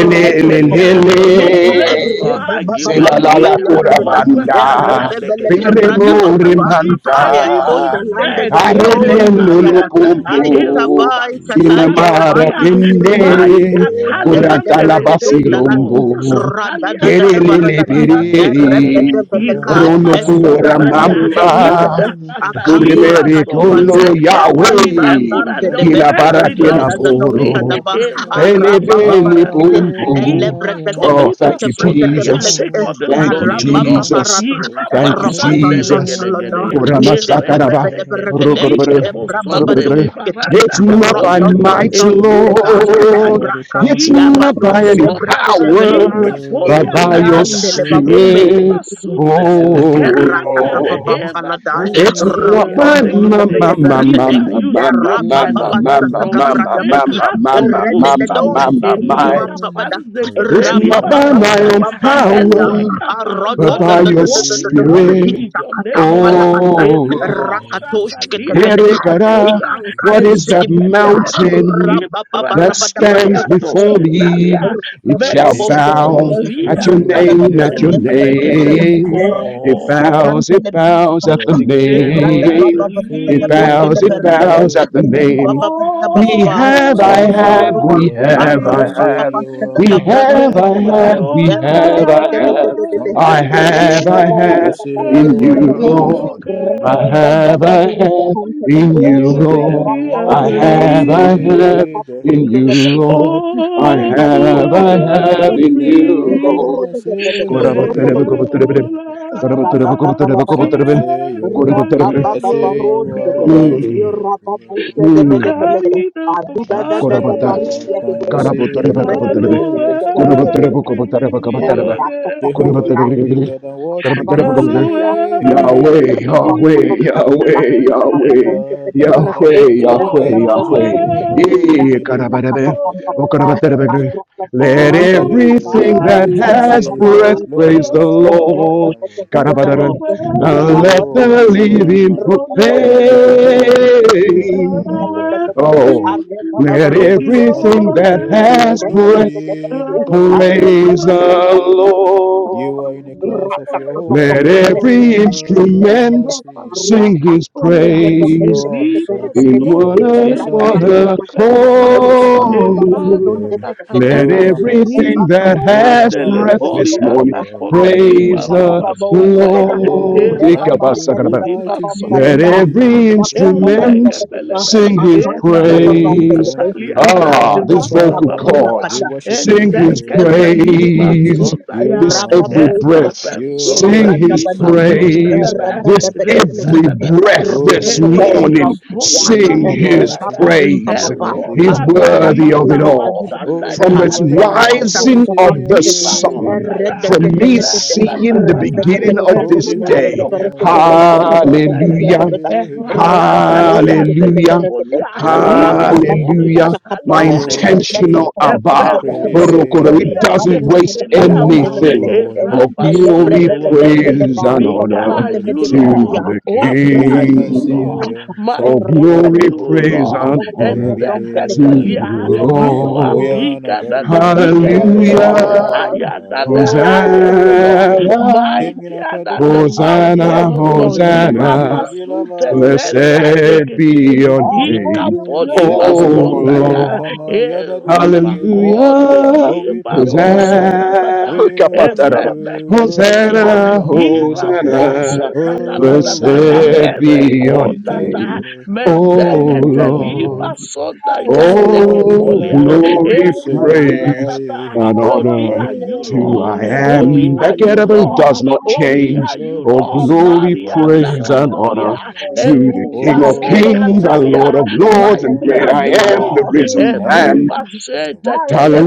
you are the
No place
ancient
for
of days,
argument.
selalala
Hira
the
kurabanda,
Almighty.
pozatalia lekete. You
peremore
I will
manta,
defeated evil death.
say.
Kele
arelendo
barianda.
Thank
lukumbu,
you,
Eruba
Jesus,
kilamara
for
sukatalia.
kende,
receiving.
Mai
Yeah, with
katalia
kuratala
leketeli
you are
basirumbu,
worthy
borusa
to.
talia
kerelele
bakuni
Iza
barante
pereri,
kete.
kanana kuba
rono
Irama
bila
sota ya.
kama
kuramamba,
shida ni kuni kubana.
Akakura
Gurumere
Indakatalimaso. You
kono
kadibali
said
Iza bara
power in
erumbam
bura
heaven
Yahweh,
bam de
and
da
on
debe
kila
bara da
earth
bara
para
da
kena
embrada
belongs
da
bara
to
da
di
usta
me.
bara
da
da
ba
poro,
bara da bara.
bele bele
Arababarigede,
Erabasutata.
Aye
pumpo.
haya ho,
Oh, thank you,
Ikatolimaso.
aye
Daya.
ho
Jesus.
Take
elebreketebeketebeketebelegede,
all
ho
the
Thank you,
ho
glory, Lord.
Jesus.
arababaraba,
ho.
Thank you,
Aye
Jesus.
erokotontontalada,
Irabasandelegedegede.
ho.
Goramasakaraba,
ijebebebedeberegede,
rogorbere,
Ereketetetelikebosondele.
gorberegre.
embrababaduskete,
It's
Barata
not
Kemayana
by
kapolia.
might,
marubu
Eruba
rototontontileba,
You
Lord.
are
shataya.
the
It's
covenant
Ila
not by
keeping
any
God.
basota
ebrakakigabadoshedeberegedebelekede,
power,
talika
but
polia
by your
Oh,
dakata.
so
embriandelebabumbe,
much
Eriba
spirit.
is
sutele
your
Oh,
bekerianda.
holiness.
Lord.
Eva
Ratakabambalada,
You
It's not by
Rambambam,
my
the
reign
Boshatabiatekete.
my
above.
my my my my
Bedebergade,
Ira, You
my
You
my
are
seated on
the
my my my my
the throne,
ocean.
you make
Rabababasakabragabadi,
my
us
my
your
You
my my
are the
footstool.
Rededos,
mighty
my
the
God.
mind.
Elika
of this.
Bidibambabada,
Oh, yeah.
It's
Panzekete
not
Liba
Thanks
by
be
my own
Sondaya.
to God. You
Rabababababambambidia,
power
Elekaba,
but by
are
worthy,
your
the-
worthy,
Arododododododod,
worthy
spirit,
is your name, O Lord.
Isakatambalakata,
oh
Europa
Hallelujah.
Lord.
Shata
Hallelujah.
Rakatoshketebeleka,
Yerekara,
Liandekepolia.
Ikankan,
What
the
is that
Bidibidia,
Ezopetelebe.
mountain that stands
Ibradakelia
before
Rabababarabadabasabadabada,
me?
Doshetalia.
It
You are
shall
bigger than
bow
Rabababoshkebedebe,
what people
at
Mezokotolia
your
say,
name, at your
Bakatelia
Jehovah. Bigger
Bekete.
than
name.
what people say.
Ridadagabiandebelekabada,
It
Oh,
bows, it
Katantele
bows
biba,
at
You are
the
bigger than
ibrada
what
Delia
baba
name.
people say.
berete
It
de
deliberately
bostele
I
bows, it
don't
berete de,
know.
bows
You're
at the
bigger than
riba
name.
what
baba dia
people
baba
say.
We
ba,
awful for
have,
riba
I
baba
Some
dia
say
baba
have,
ba,
you
I
we
are good.
have, I
arre
I
baba
say
have.
ba
you
breathe.
seda
are
We
mighty.
kabraka di
You
have,
Let
I
are
balagada,
my
bigger
have,
than
we
own
what
arre
people
de
have,
say.
de
I
de de
have.
de de de de,
heart
Some
I
say you
rapa
are
have, I
baba
great.
rapa
I
yes,
have
baba
say you
in
raitile
are
precious
you,
baba
of
ba,
glorious.
your
Lord.
You are bigger
I
reba
than
da
grace.
what
da
have,
da
I
berete
have
kantele
in
baba,
you,
you
Oh,
are bigger
Lord.
ira
than
da da
I
what
da
even I
have,
berete,
I
deliberately
have
reba
say.
baba
in
Jehovah,
you,
bele
you are bigger than what
Lord.
berete,
I
hariba di
awful
have,
as
I
You
kabaya, de
are
have
I
in
bigger than
you,
what
de
breathe.
even I
berete de bele
say.
Lord.
Let
kaburumbo
my
Bigger
own
than what people say.
heart be
Some say you are good, I
expressions of
say
your
you are
grace.
Mm,
mighty. bigger than
To
what-
mm.
carry the
Some say
Korabata,
you are kind, I
bottle.
say
Karabotoreba
you are
Kaboterebe,
glorious, you are
Rabba
bigger
Hallowed
Koraboterebo
than what
Kobotereba
people.
be
Kabotereba,
your name.
Jehovah, you are
Koraboterebe,
bigger than what even
Karabotereba
I
Kaboterebe,
Hallowed
say,
Yahweh,
bigger than
be
what
Yahweh,
people.
your
Yahweh,
name.
you are bigger than
Yahweh, Yahweh,
what even I
Yahweh, Yahweh,
imagine.
Hallowed
Oh,
Eh,
be
Jehovah, you are
Karabarebe,
your
bigger than
O
what people.
Karaboterebe,
name.
let
Some say
Oh,
you are
everything that
kind
mighty, I
of
has
a
say you are
breath
father,
praise the
glorious, you are bigger
Lord.
than what people.
Karabarebe,
hallowed
And let
be
Oh,
the
you are
living
my,
your
you are bigger than
name.
war. You are bigger than
proclaim.
what
Worthy,
people see.
Oh.
you're
Let
There is nothing
everything that
there.
compared to your
has breath
glory
Rabba
because
Abre
you
praise
papa
are
rapa rata
mighty.
Worthy,
the
papa
You are in a
Lord.
you're
class of your
papa
own,
Let
there.
every
Jehovah. You are
Mira
instrument
pasha
sing
mighty.
his
akare
katolia,
de
There
de
is
de
praise
no
de de
answer,
erita
in
sota
one,
there
il de
is no
brada
lega
one
certain
bakumba
pocha
ya
to the
talia, e
papa
understanding of your
rapa
pata
accord.
de
glory.
de
ta
de
ta ta
de
Let
You
ta,
are
ya
mighty,
everything
rapa papa
nita
that
de
you are
has
de
kandele
de de
breath
marvelous,
this
poria
morning
ta
you are
kotoli
alim
praise
bara
glorious.
brada
the
in
pasha
babon
this.
de de de
daya, e
Lord.
Oh,
Ibre papa
thank
rita di
you,
tadi
raba
mighty
babam
Let
balada
every
Jesus,
Isabra
thank
papa di
you.
papa
instrument
Elegebelebe,
sing his
akari da babam
Oh,
de de
praise.
de
thank
Ebabosatalia,
you,
Ikadi
Ah,
Abba
these
kadi
vocal
Father,
Rababababa,
kadi
cords
we worship
sing his
Rabba
you in the
Ezeketeliba
hearts.
praise.
You
This
Sondaya,
are
every
mighty,
breath
you are
sing his
glorious,
Erebesondaliba
you are
praise.
Sondelebe,
bigger than
This
what we could.
every
Zetebebebe,
breath
Oh,
this
you are
morning
glorious.
Erekapoliba
sing
You are
his
mighty.
Sondaya,
praise.
You are bigger
He's
than what we
worthy of
can
Erotatalita
it
see.
all.
Oh,
Basandaya,
From
Rabba
this
Jehovah, you are
Cateliano,
rising
mighty in
of
your
the
Eriba
sun,
way.
Sondaya,
from
You
me
are mighty in
seeing the
your
Ratatata,
ways.
beginning of
Oh,
this
Jehovah,
day,
Eriando
you are
Copoliba
glorious in your
Sondelebe,
Hallelujah.
way.
Rakatalia de
Hallelujah.
Kepolia,
Oh,
Iva
ancient of
Bosha
Hallelujah.
this.
My
Talia de
Oh, mighty
Kete,
God,
intentional
we
Abba.
Eperoso
Orokoro, It
pray.
Tolia de
doesn't waste
Keteliaba,
Oh, you
anything.
are worthy.
Oh,
Eraba
Oh, you
glory,
are worthy.
Sandelegere.
praise, and
You
Bigger
are
honor
are you,
to
worthy.
Lord.
the
Holy
Through
are
your
you,
mercy and
King.
Lord.
yours
Oh,
Mighty are
glory,
forever.
you,
praise,
Lord.
and
And
honor
Ayabile
to the
Zekatelia,
kayadari.
you are
Lord.
Oyana
bigger
Oh,
than the
gadugu.
biggest, O
Ayahe.
Lord.
Hallelujah.
Higher than the
Ayahu.
highest, O Lord.
Hosanna.
Kemina
Mightier than the
kaduku,
after
semina
Hosanna,
mightiest,
you
O
madudu,
pray,
Lord.
Hosanna,
shemina
Yirapasute delia
madabadudu.
blessed
dekete.
be your
Kemina
after
Ika
name,
you
madudu,
pray,
poliba
O
semina
sonda
madibi,
ya.
Lord.
kama
Era
yadadi,
please
dedi, dedi.
bakonde
Hallelujah.
when
Oh,
you
we
liba
praise your
rosa
name.
pray.
Hosanna,
tatata.
We worship
Hukapataraba.
you,
Erebekete
glorious
lia.
Hosanna,
Ira
Lamb of God.
Hosanna,
bosa
Oh, we
taladadada.
praise you.
blessed
Ere
be your
We thank
kotata.
you,
Hallelujah,
name,
Lord.
O
We thank
Mendekete
hallelujah,
you,
Lord.
liba
mighty God.
sonda
I say you are
yandeke
bigger
Oh,
than
polia.
what
glory,
people say.
Eruka
praise,
tatata.
Aye,
and
aye,
Only
honor
are you,
aye.
to
Lord.
I
hallelujah,
Holy
am
Oh,
that
are
you
get
you,
are
about
worthy.
does
Lord.
not
hallelujah.
Holy
You are
are
change.
you,
Oh,
Lord.
glorious.
glory,
You are
Maria da
praise, and
awesome
Capolia.
honor
in your ways.
to the
Hallelujah,
Eruba
King of
Oh,
se
you are
kings and
mighty.
Lord
Catalia.
of
You are
lords, and
Mighty
great
are
almighty.
I
you,
am, the
Lord.
You are
risen
mighty
Lamb.
Eruba
in
se
your ways.
hallelujah,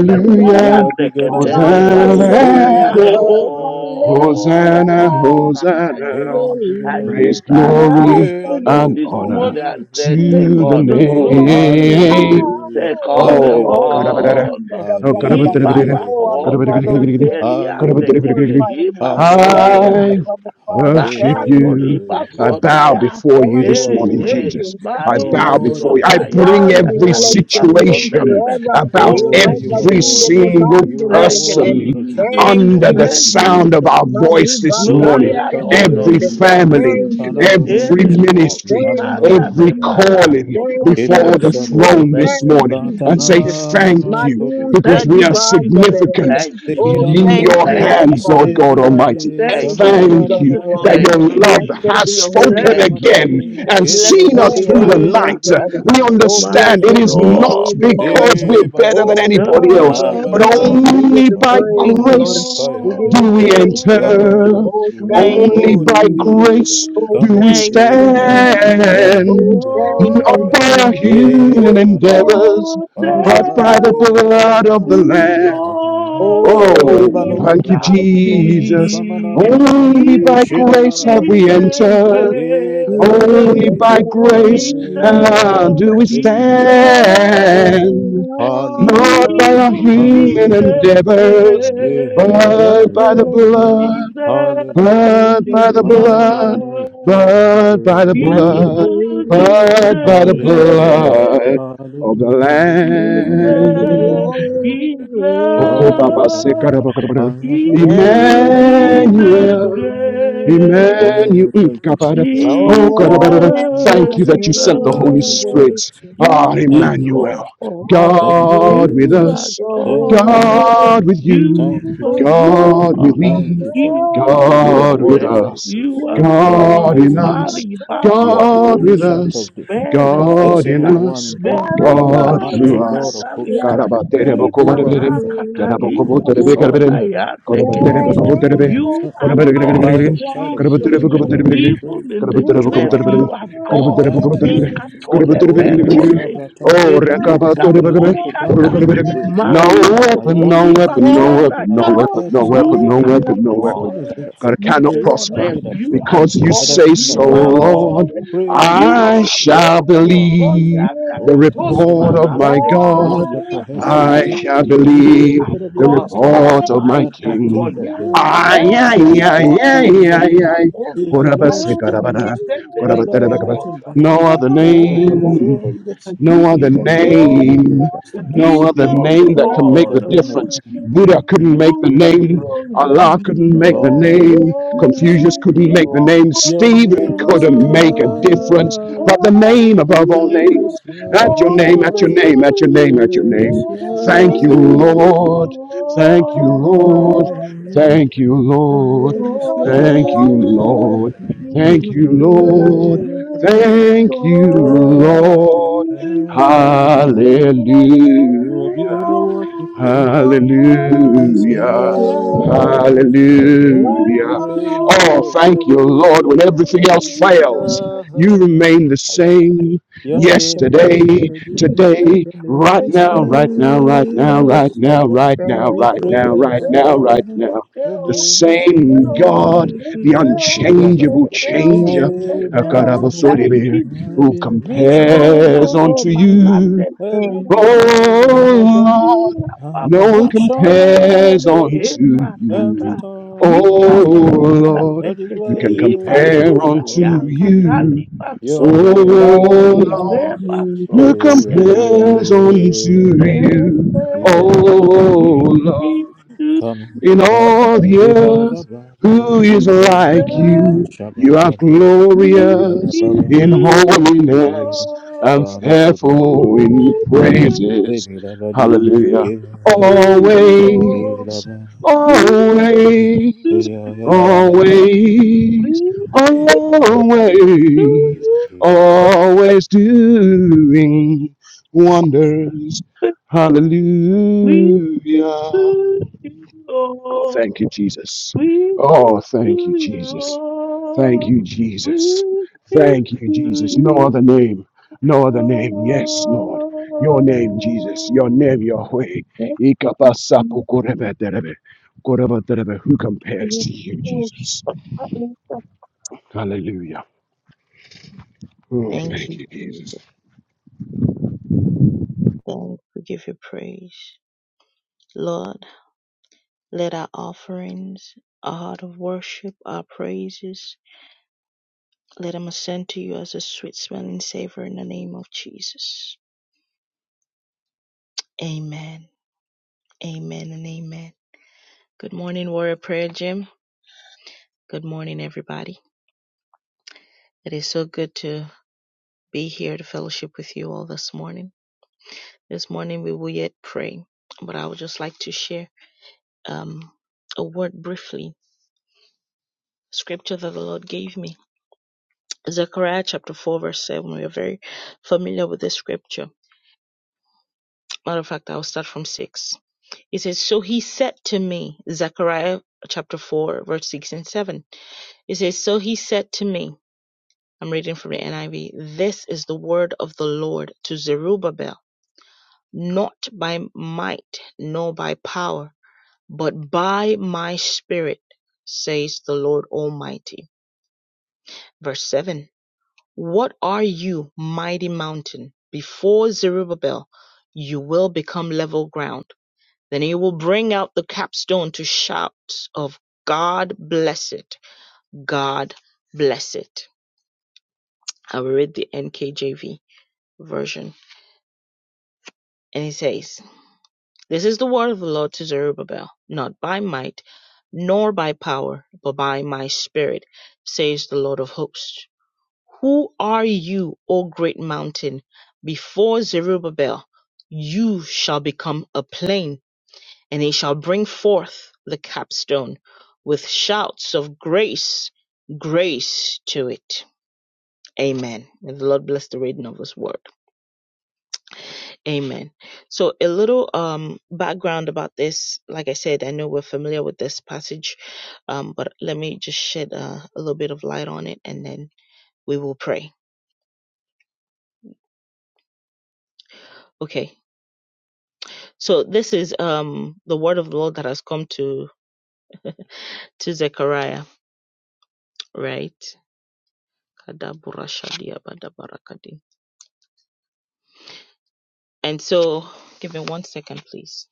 You are
de
bigger than what
Keteliba
people
Hosanna,
say.
Sondaya.
Jehovah, bigger than what
Oh, we
Hosanna,
people
lift our hands,
say.
O
Hosanna.
You
Lord.
are bigger
I
than what
Praise,
lift
people
our hands
glory,
say.
to you
and
this
Hallelujah.
hallelujah.
honor
morning
Hey,
and
hey,
say,
hey, hey.
Take
to the
all the glory, Jesus
name.
Hallelujah,
the God
Operate,
Oh,
oh,
hallelujah,
karabadada.
on.
Sabine la
Oh,
Bragada.
karabadada.
Oh, Abba
Ibarakota
Father,
hallelujah,
we
Karabadada.
worship
tatelia
you. We
de
hallelujah,
Karabadada.
glorify your name.
keteliba
Thank
sondaya.
you,
hallelujah,
I
Abba Father.
worship
Thank you,
you.
Zakatoliba
I
hallelujah.
Jehovah
bow
God.
sondaya.
before
Oh,
you
Thank
you
this
are
you,
Hey,
morning,
King of
hey,
worthy,
Jesus.
Kings.
I
you are
Thank
bow
Mariba
you,
worthy,
before you. I
sondaya.
you
bring
are
Elion. We
every
bless
worthy
your
Kataliba
to be
name
situation
sonderebe.
praised.
forever.
about
Oh,
Eh,
Oh,
thank
you are
you,
every
Rabadin de
worthy,
Jesus.
single
Leban de
you are
Thank
Bragada.
you,
worthy,
person
Lord
Jesus.
Jesus, you
Thank
are
under the
you,
worthy
Thank
to
you,
sound of
Jesus.
our
Jesus.
voice this
Glory
morning.
O
Marubakaya de
and honor
Every
Barunde.
Kamadagari,
belongs to
family,
Thank
you.
you,
Ere
Zikanadoro,
every
Jesus.
boku
ministry,
Thank you,
Shilaba,
kanda
every
Jesus.
nebara
Naganagari,
calling
Thank
kotolia.
you,
Kibi
before the
Jesus.
Oh,
Sabadi,
throne
thank
this morning
you,
Thank
morning
you,
Jesus.
and say
Jesus.
Latanana, no,
thank
no,
you
Kudu,
because
Malusa
Thank
we are
you,
dibanda
Jesus.
beregere.
significant
Thank you,
Oh,
Sekira
in
Jesus.
thank
your
you,
makarine,
Thank
Abba
you,
hands, Lord
Father.
God
Jesus.
Almighty.
sevilari,
Thank
Thank you,
you,
King
shamaya
Thank
of
da
you
Jesus.
da da
that
Glory.
your
Thank
da da
you,
da
love
de.
Blessed
Jesus.
be
has
your holy
spoken
Zekina
name
Thank you,
forever.
again
makade,
and
Jesus.
Kedina
seen
na
Blessed
us
be
Oh,
your
through
my
the
holy
bide,
name
night.
kudu
forever.
Sakata,
We
Oh,
kudu
my
understand it
blessed
kusu
is
be your
kusu.
not
soul.
holy name
because
forever.
we're
Se
better
bayada
than
da,
Oh, we give
anybody
you
else,
shall
praise.
but
marabada
We
di,
give
only
you
by
magnify
fala da
the
praise, Lord.
di,
grace
We
faya
give
da
you
do
di,
we
praise, Lord.
Lord.
zaka da
enter.
di
Oh,
ku.
My
thank
Only
you,
Oh,
by
thank you,
Jesus.
grace
Jesus.
spirit
Oh,
do
Kama
we
di
thank
is
you,
bile
the
Jesus.
bile di,
Lord.
bana
Oh,
stand
bana
thank
bana
not
you,
bana.
by
Jesus.
our
E
human
ya
Oh,
bana
thank
di,
you,
endeavors,
Jesus.
but
abala
by
Oh,
the
Oh,
le, ba ba
thank
blood of
la
the
you. Jesus.
Lamb.
bana bana
Kudodo
Oh,
Oh,
thank
Lebalogo
thank
do
you.
you,
bogo
Jesus.
dibkati,
mokomo
Jesus.
samana nana
Only by
shida na
grace
na na
have
na
we
ipunite
tike
entered.
e
gre,
You
gada di de
deserve
Only
the
by grace
glory
ale
ida,
ah, do we
ida,
hallelujah
and the
stand.
hallelujah
honor.
Not
hallelujah
by our human
ipunite gre,
endeavors,
Love
but by the
will let
blood
ida,
the hand
hallelujah
but
work
by
hallelujah
the
ida,
blood,
hallelujah
but by the
as
hallelujah
the
blood,
ipunite
praise of
but by the
the
hallelujah
gre,
blood of the
hallelujah
You deserve the
ida,
Lamb.
hallelujah all
glory
of
ida,
our, all
Okopapasekarabakarabaram.
of our,
and the
Even
all of
in the
Emmanuel,
our.
grave,
honor.
Emmanuel,
Oh,
mm,
thank you,
kabada.
Jesus.
oh
Jesus
Lord,
Thank
karabada.
you,
I lift
thank
my
you
Jesus.
is
that you sent the
hands
Holy
Thank
in
you,
Lord.
Spirit.
Jesus.
worship.
Ah,
You
Thank
are
you,
Emmanuel,
Jesus.
God.
I will
Thank you,
God with
You
Jesus.
praise
are
us,
your
Thank you,
holy
God.
Jesus.
name,
God with you,
Thank
You
you,
for
are
Jesus.
God with
God.
you are
Thank
me,
you, Father.
Even in
You
great.
the
are
God with
worthy to
grave,
be
us,
you
praised.
are
You do
You are
God.
God in
mighty in your ways.
us,
Mary,
miracles
You are the
God
so
Master,
with
ancient
us,
of
great.
this,
Mere
the
God in
excellent
toka,
one
us,
in battle,
There is
mero
the
God
no
through
mighty
pashe
one
Lord
us.
of hosts,
katalia,
like
the
Karabatere
you.
Jehovah
bokobarebere,
ibara
Rapha, the
kataliba
karabokobotere
Jehovah
sonda
bekerebere,
Jireh,
yande
the
korabatere
There
kete.
mighty
bokobotere
is
be,
Ebenezer
no
You
himself,
are
the
one
God,
else
Lion of the tribe of
korabatere
like
Judah.
Bokoterebe,
Jesus.
you.
We
Korabaterin,
Even
praise you,
in the
karabatere
we
You
grave,
bokobotere
magnify
are
you
bere,
are God.
karabatere
Thank you,
bokobotere bere,
great.
Jesus.
Mikatole
karabatere bokobotere bere, karabatere bere
Oh,
bere bere.
You do
berone,
Masabra Tande,
Oh,
eluka
rekabatore
miracles
Makunde,
bekebe,
so
Huko
polianda,
Branta,
orokorebere.
great.
the
No
word,
mari
weapon, no
potoli
Ayataka
weapon,
There
Takata,
no
basonda.
weapon,
is
Are
no
ya.
the
no
weapon, no
elders of the
weapon,
one
You
Lord,
no
are
like
weapon, no
the
weapon.
God.
fullness
you.
thereof,
God
In
cannot
the
the
word
prosper
that
grave,
did that
you
dwelling,
are
because you
let
God.
say
everything
There
so,
that has rest,
Lord.
Ibarose
is no
praise and
I
one
worship you.
shall
Oh,
You are
like
mighty.
believe
Sonia,
the
you.
Oh,
Nakatoli,
report
Kasoka
of
Mama,
You
Father,
my God.
lift
Tekepoli,
up your head so you
I
do,
Pasonaya.
shall
and even
You
be
believe
are
lifted up your
the
God,
everlasting
Lord,
dust,
report of
my
my
that the
king.
King
Catolia.
of glory will come,
Ay,
And
are
ay,
who is the
ay,
good.
recorda
King
ay,
of
ay,
lita
glory.
ay.
He is
bosa
the Lord
You
talita
do
strong and mighty. The
mosendele gele
Lord mighty in
miracles.
bosa.
battle.
No other
so
Lift up
Oh,
your
oh,
heads, all
name,
you
I
gates,
give
no
and
other
you
even
all
be
the
lifted up
There
glory.
is
your
name,
no
I
everlasting
no
doors.
give
other
you all the
name that
The
can
one
make
King
the
of
honor.
like
glory may
difference.
come.
Give
Buddha
you
you.
He
couldn't
is
make the
all
the
the
King of
name,
glory.
Allah
He is
couldn't
the
make the
glory.
Lord of
Oh,
hosts.
name,
He
there
is the
Confucius
is
Give
King.
couldn't make the
no
you
name,
all
one
Your
Stephen
name is
couldn't make
like
a
the
you.
difference,
I
Yahweh.
but the name above
give
Your
all
You
name
names.
you
are
is
At your
the
name,
all
at your
the
Yahweh.
name, at your name,
Your
at your
name
name.
is
glory. I
Thank you,
man
Yahweh.
give
Lord.
of
you
Thank you,
all
You
the
forever.
Lord.
believe.
Thank you,
Your
Lord.
name is
There is
Thank
glory.
no
you,
I
Yahweh.
Lord.
give
Thank you,
You
one
pray
like
you
Lord.
and adore
you.
you. now.
Thank you,
Oh, your
God
name is
Lord.
is
Yahweh.
There
there.
is
You are
Hallelujah.
no
bigger than
one
what people
faithful.
say. Your name is
Hallelujah.
else
Hallelujah.
Yahweh. I hear you
Hallelujah.
reign
like
Oh,
above
thank you,
Faithful.
another.
Lord. When
you.
Your
everything
name
else
is
fails,
Yahweh.
you remain the
Ah, yeah, da, da, da.
same
Your
Oh, thank
name
you,
is
yesterday,
Jesus.
Amen.
today,
Your name
right
It's
is
now, right
still,
now, right
it's
now,
still,
right
Jesus.
now,
it's
right now,
thank
We
still,
right
you,
now,
praise
it's
and
right now,
still,
adore your
right
name.
it's
now.
Your
The
still,
name is
it's
same
still,
God,
it's
the
Jesus.
still,
Azza, da, da, da,
it's
da.
unchangeable
da. The
still,
changer,
thank
it's
you,
name
Jesus.
still.
above
Thank
Akarabasoribe,
you,
who
every
Jesus.
mention of
Masa
compares
your
unto
holy
topa
name.
you.
kande
Every
thank you,
kumusha.
knee must bow.
Oh Lord,
Ira ba
At the
ba
no one
ba ba ba ba ba
mention of
ba.
your
compares
name,
unto
Eva
every
you.
tata.
tongue
Ika
Oh
thank
must confess
you,
poya
Jesus.
Lord,
that is
teke
who
why
can
teliba
compare
sunda
you are
ya
unto
mighty.
you.
kataliba
Your
sonda ya.
Oh
name
thank
is
you,
Lord,
Ireba
Jesus.
who
Oh,
sonda
Jesus.
your
ya. nagada.
compares unto
We can do you
name
you?
is
Oh
a
Oh,
all.
holy
We
name.
can
Lord
do you
Come,
in
Kusa,
all the
Ziba,
earth.
Zaba, Ziba,
Who is like
all.
Zeminamana,
you? You
Shaba,
are
Laba, Laba, Laba,
glorious
Laba,
in
Saba,
holiness
Dibe,
and
Kana, Kudu,
fearful
Kudu,
in praises.
Zebi,
Hallelujah.
Eva, Thank
Always, always, always, always,
you.
always doing wonders. Hallelujah. Oh, thank you, Jesus. Oh, thank you, Jesus. Thank you, Jesus.
We can
Thank you,
do
Jesus.
you all.
No other name. No other name. Yes, Lord. Your name, Jesus. Your name, Yahweh. Ikapasapukurebeterebe. Kurebeterebe. Who compares to you,
Oh,
Jesus? Hallelujah. Oh,
Thank
thank
you,
you,
Jesus.
Jesus.
thanks. We give you praise. Lord, let our offerings, our heart of worship, our praises, let them ascend to you as a sweet smelling savor in the name of Jesus. Amen. Amen and amen. Good morning, Warrior Prayer Gym. Good morning, everybody. It is so good to be here to fellowship with you all this morning. This morning we will yet pray, but I would just like to share um, a word briefly, scripture that the Lord gave me Zechariah chapter 4, verse 7. We are very familiar with this scripture. Matter of fact, I'll start from 6. It says, So he said to me, Zechariah chapter 4, verse 6 and 7. It says, So he said to me, I'm reading from the NIV, This is the word of the Lord to Zerubbabel, not by might, nor by power, but by my spirit, says the Lord Almighty. Verse 7. What are you, mighty mountain? Before Zerubbabel, you will become level ground. Then he will bring out the capstone to shouts of God bless it, God bless it. I will read the NKJV version. And he says, This is the word of the Lord to Zerubbabel, not by might, nor by power, but by my spirit, says the Lord of hosts. Who are you, O great mountain? Before Zerubbabel you shall become a plain, and he shall bring forth the capstone with shouts of grace, grace to it. Amen. May the Lord bless the reading of his word. Amen. So a little um background about this. Like I said, I know we're familiar with this passage, um, but let me just shed uh, a little bit of light on it and then we will pray. Okay. So this is um the word of the Lord that has come to to Zechariah, right? Kadaburashadiabadabarakadi. And so, give me one second, please.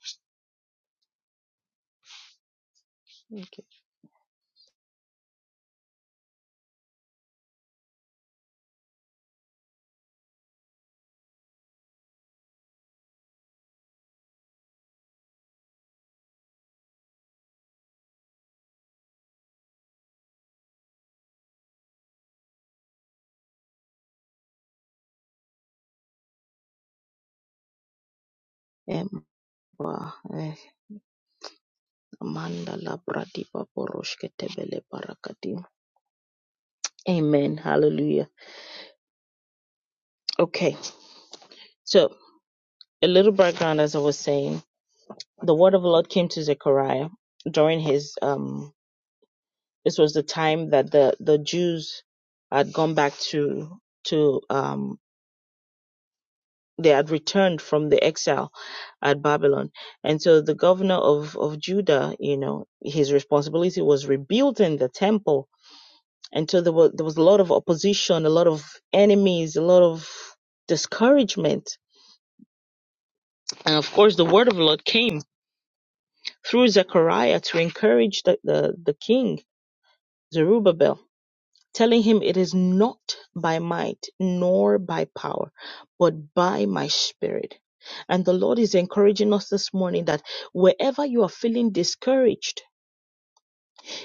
Okay. Em- wa- eh, Amanda labradiba boroshketebele barakadi. Amen. Hallelujah. Okay. So, a little background, as I was saying, the word of the Lord came to Zechariah during his um. This was the time that the the Jews had gone back to to um they had returned from the exile at Babylon. And so the governor of, of Judah, you know, his responsibility was rebuilding the temple. And so there was, there was a lot of opposition, a lot of enemies, a lot of discouragement. And of course, the word of the Lord came through Zechariah to encourage the, the, the king, Zerubbabel. telling him, It is not by might nor by power, but by my spirit. And the Lord is encouraging us this morning that wherever you are feeling discouraged,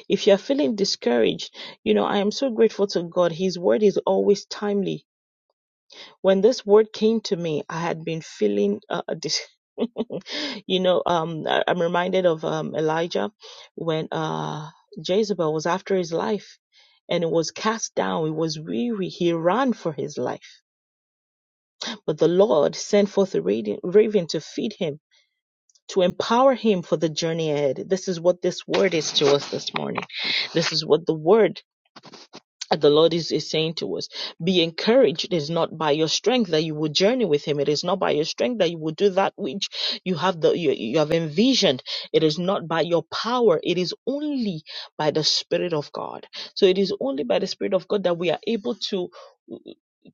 if you are feeling discouraged, you know, I am so grateful to God. His word is always timely when this word came to me, I had been feeling, uh, a dis- you know, um, I, I'm reminded of um, Elijah when uh, Jezebel was after his life and it was cast down, He was weary, he ran for his life. But the Lord sent forth a radi- raven to feed him. To empower him for the journey ahead. This is what this word is to us this morning. This is what the word and the Lord is, is saying to us, be encouraged. It is not by your strength that you will journey with Him. It is not by your strength that you will do that which you have the you, you have envisioned. It is not by your power. It is only by the Spirit of God. So it is only by the Spirit of God that we are able to.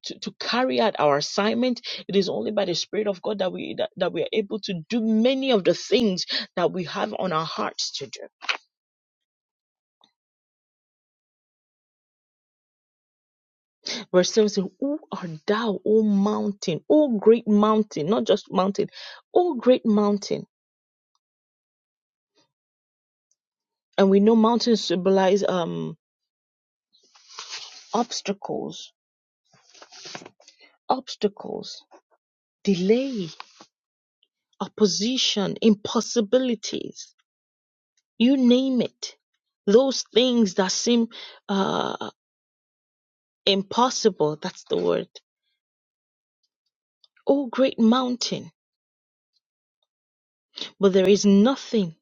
To, to carry out our assignment it is only by the spirit of god that we that, that we are able to do many of the things that we have on our hearts to do Verse 17, Who art thou, O mountain, O great mountain, not just mountain, O great mountain? And we know mountains symbolize um obstacles, obstacles, delay, opposition, impossibilities, you name it. Those things that seem uh impossible, that's the word. O great mountain, but there is nothing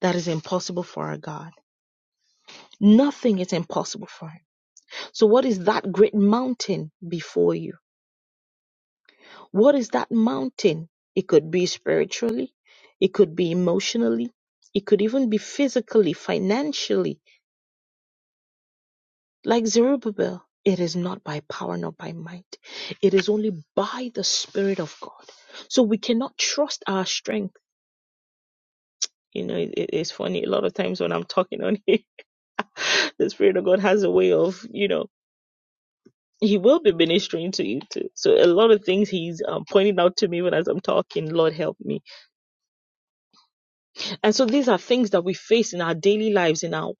that is impossible for our God. Nothing is impossible for him. So, what is that great mountain before you? What is that mountain? It could be spiritually, it could be emotionally, it could even be physically, financially. Like Zerubbabel, it is not by power nor by might, it is only by the Spirit of God. So, we cannot trust our strength. You know, it, it's funny. A lot of times when I'm talking on here, the Spirit of God has a way of, you know, he will be ministering to you too. So a lot of things he's um, pointing out to me even as I'm talking. Lord help me. And so these are things that we face in our daily lives, in our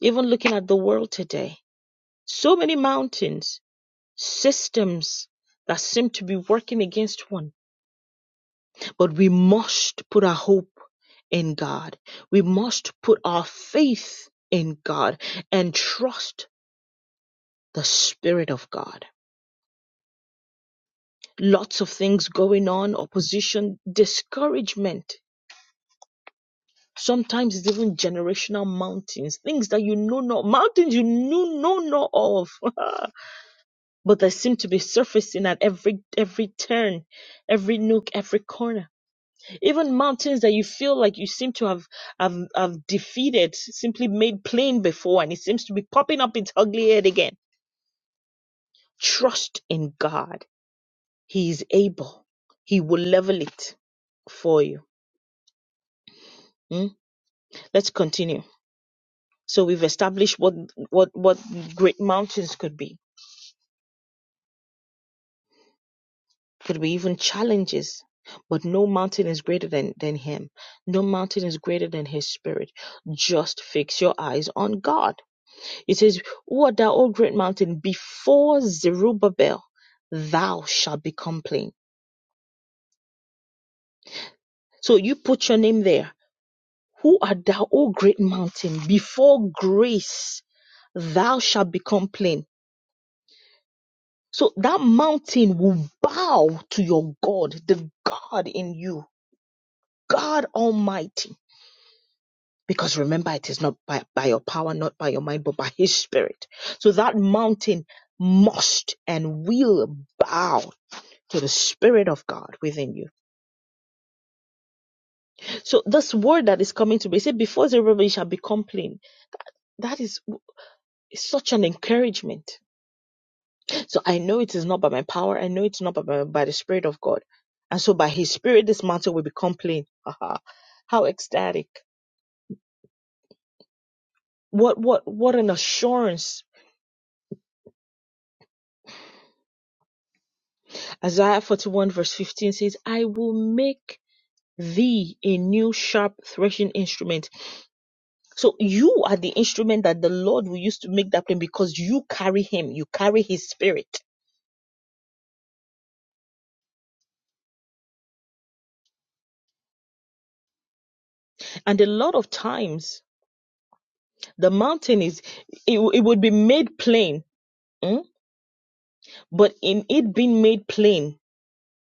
even looking at the world today. So many mountains, systems that seem to be working against one, but we must put our hope in God. We must put our faith in God and trust the Spirit of God. Lots of things going on, opposition, discouragement Sometimes it's even generational mountains, things that you know not, mountains you knew know not of, but that seem to be surfacing at every every turn, every nook, every corner. Even mountains that you feel like you seem to have have, have defeated, simply made plain before, and it seems to be popping up its ugly head again. Trust in God; He is able. He will level it for you. Mm? Let's continue. So we've established what what what great mountains could be Could be even challenges. But no mountain is greater than, than him. No mountain is greater than his spirit. Just fix your eyes on God. It says, What thou, O great mountain, before Zerubbabel, thou shalt be plain. So you put your name there. Who art thou, O great mountain? Before grace, thou shalt become plain. So that mountain will bow to your God, the God in you, God Almighty. Because remember, it is not by, by your power, not by your mind, but by His Spirit. So that mountain must and will bow to the Spirit of God within you. So this word that is coming to me, it said, before Zerubbabel shall become plain. That is such an encouragement. So I know it is not by my power. I know it's not by, my, by the Spirit of God. And so by His Spirit, this mountain will become plain. Haha. How ecstatic. What, what, what an assurance Isaiah 41 verse 15 says, I will make thee a new sharp threshing instrument. So you are the instrument that the Lord will use to make that plain because you carry him, you carry his spirit. And a lot of times the mountain is, it, it would be made plain, mm, but in it being made plain,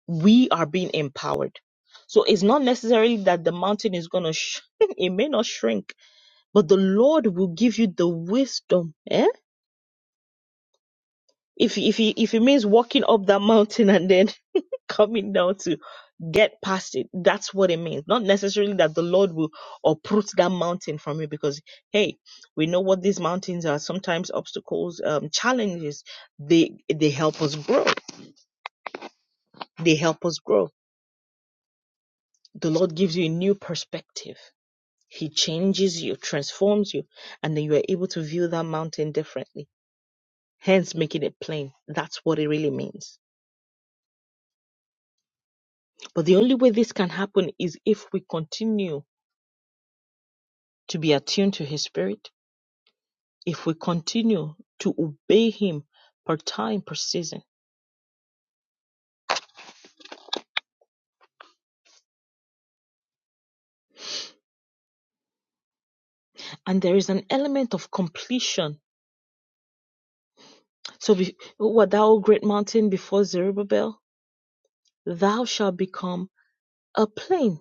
we are being empowered. So it's not necessarily that the mountain is going to, sh- it may not shrink, but the Lord will give you the wisdom, eh? If if he, if it means walking up that mountain and then coming down to get past it, that's what it means. Not necessarily that the Lord will uproot that mountain from you, because hey, we know what these mountains are. Sometimes obstacles, um, challenges, they they help us grow. They help us grow. The Lord gives you a new perspective. He changes you, transforms you, and then you are able to view that mountain differently. Hence, making it plain. That's what it really means. But the only way this can happen is if we continue to be attuned to His Spirit, if we continue to obey Him per time, per season. And there is an element of completion. So, be, what thou great mountain before Zerubbabel, thou shalt become a plain.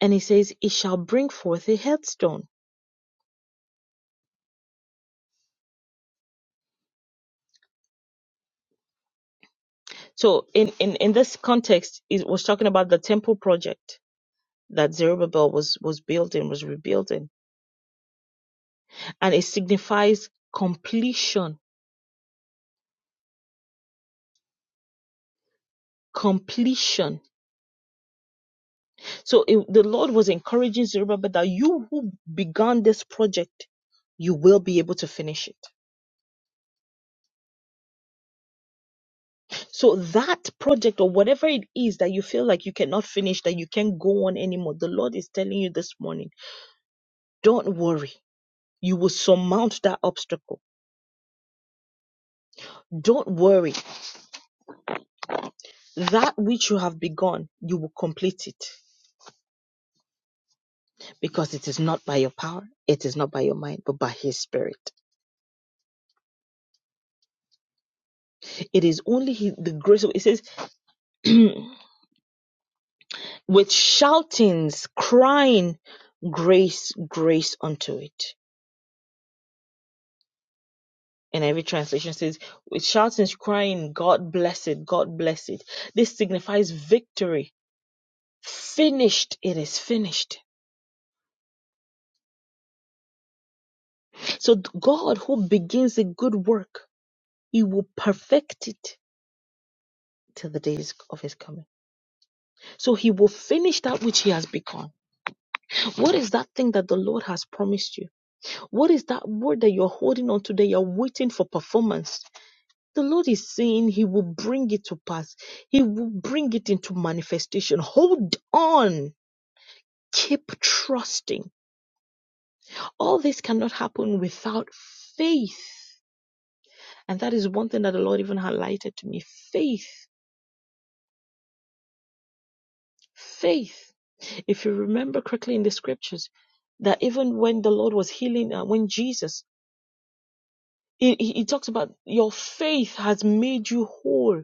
And he says, it shall bring forth a headstone. So, in, in, in this context, it was talking about the temple project that Zerubbabel was, was building, was rebuilding. And it signifies completion completion. So it, the Lord was encouraging Zerubbabel that you who began this project, you will be able to finish it. So that project or whatever it is that you feel like you cannot finish, that you can't go on anymore, the Lord is telling you this morning, don't worry. You will surmount that obstacle. Don't worry. That which you have begun, you will complete it because it is not by your power, it is not by your mind, but by His Spirit. It is only his, the grace of. It says, with shoutings, crying, grace, grace unto it. And every translation says, with shoutings, crying, God bless it, God bless it. This signifies victory. Finished, it is finished. So th- God who begins a good work, he will perfect it till the days of his coming. So he will finish that which he has begun. What is that thing that the Lord has promised you? What is that word that you're holding on to that you're waiting for performance? The Lord is saying He will bring it to pass. He will bring it into manifestation. Hold on. Keep trusting. All this cannot happen without faith. And that is one thing that the Lord even highlighted to me faith. Faith. If you remember correctly in the scriptures, that even when the Lord was healing, uh, when Jesus, he, he he talks about your faith has made you whole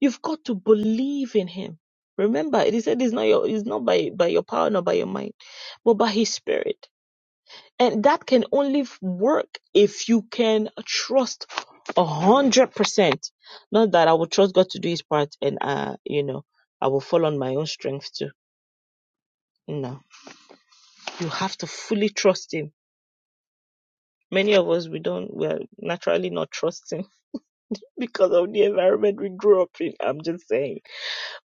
You've got to believe in him. Remember, he said it's not your it's not by, by your power nor by your mind, but by his spirit. And that can only f- work if you can trust a hundred percent. Not that I will trust God to do his part and uh you know I will fall on my own strength too. No. You have to fully trust him. Many of us we don't we're naturally not trusting because of the environment we grew up in. I'm just saying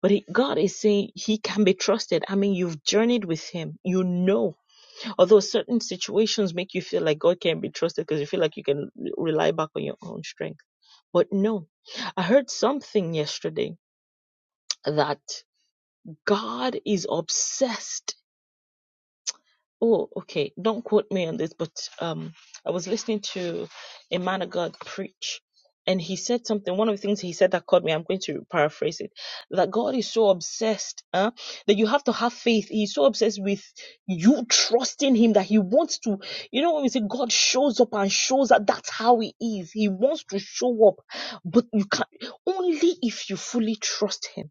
But he- God is saying he can be trusted. I mean, you've journeyed with him. You know, although certain situations make you feel like God can not be trusted because you feel like you can rely back on your own strength. But no, I heard something yesterday that God is obsessed oh okay don't quote me on this but um i was listening to a man of god preach and he said something one of the things he said that caught me i'm going to paraphrase it that god is so obsessed uh, that you have to have faith he's so obsessed with you trusting him that he wants to you know when we say god shows up and shows that that's how he is he wants to show up but you can only if you fully trust him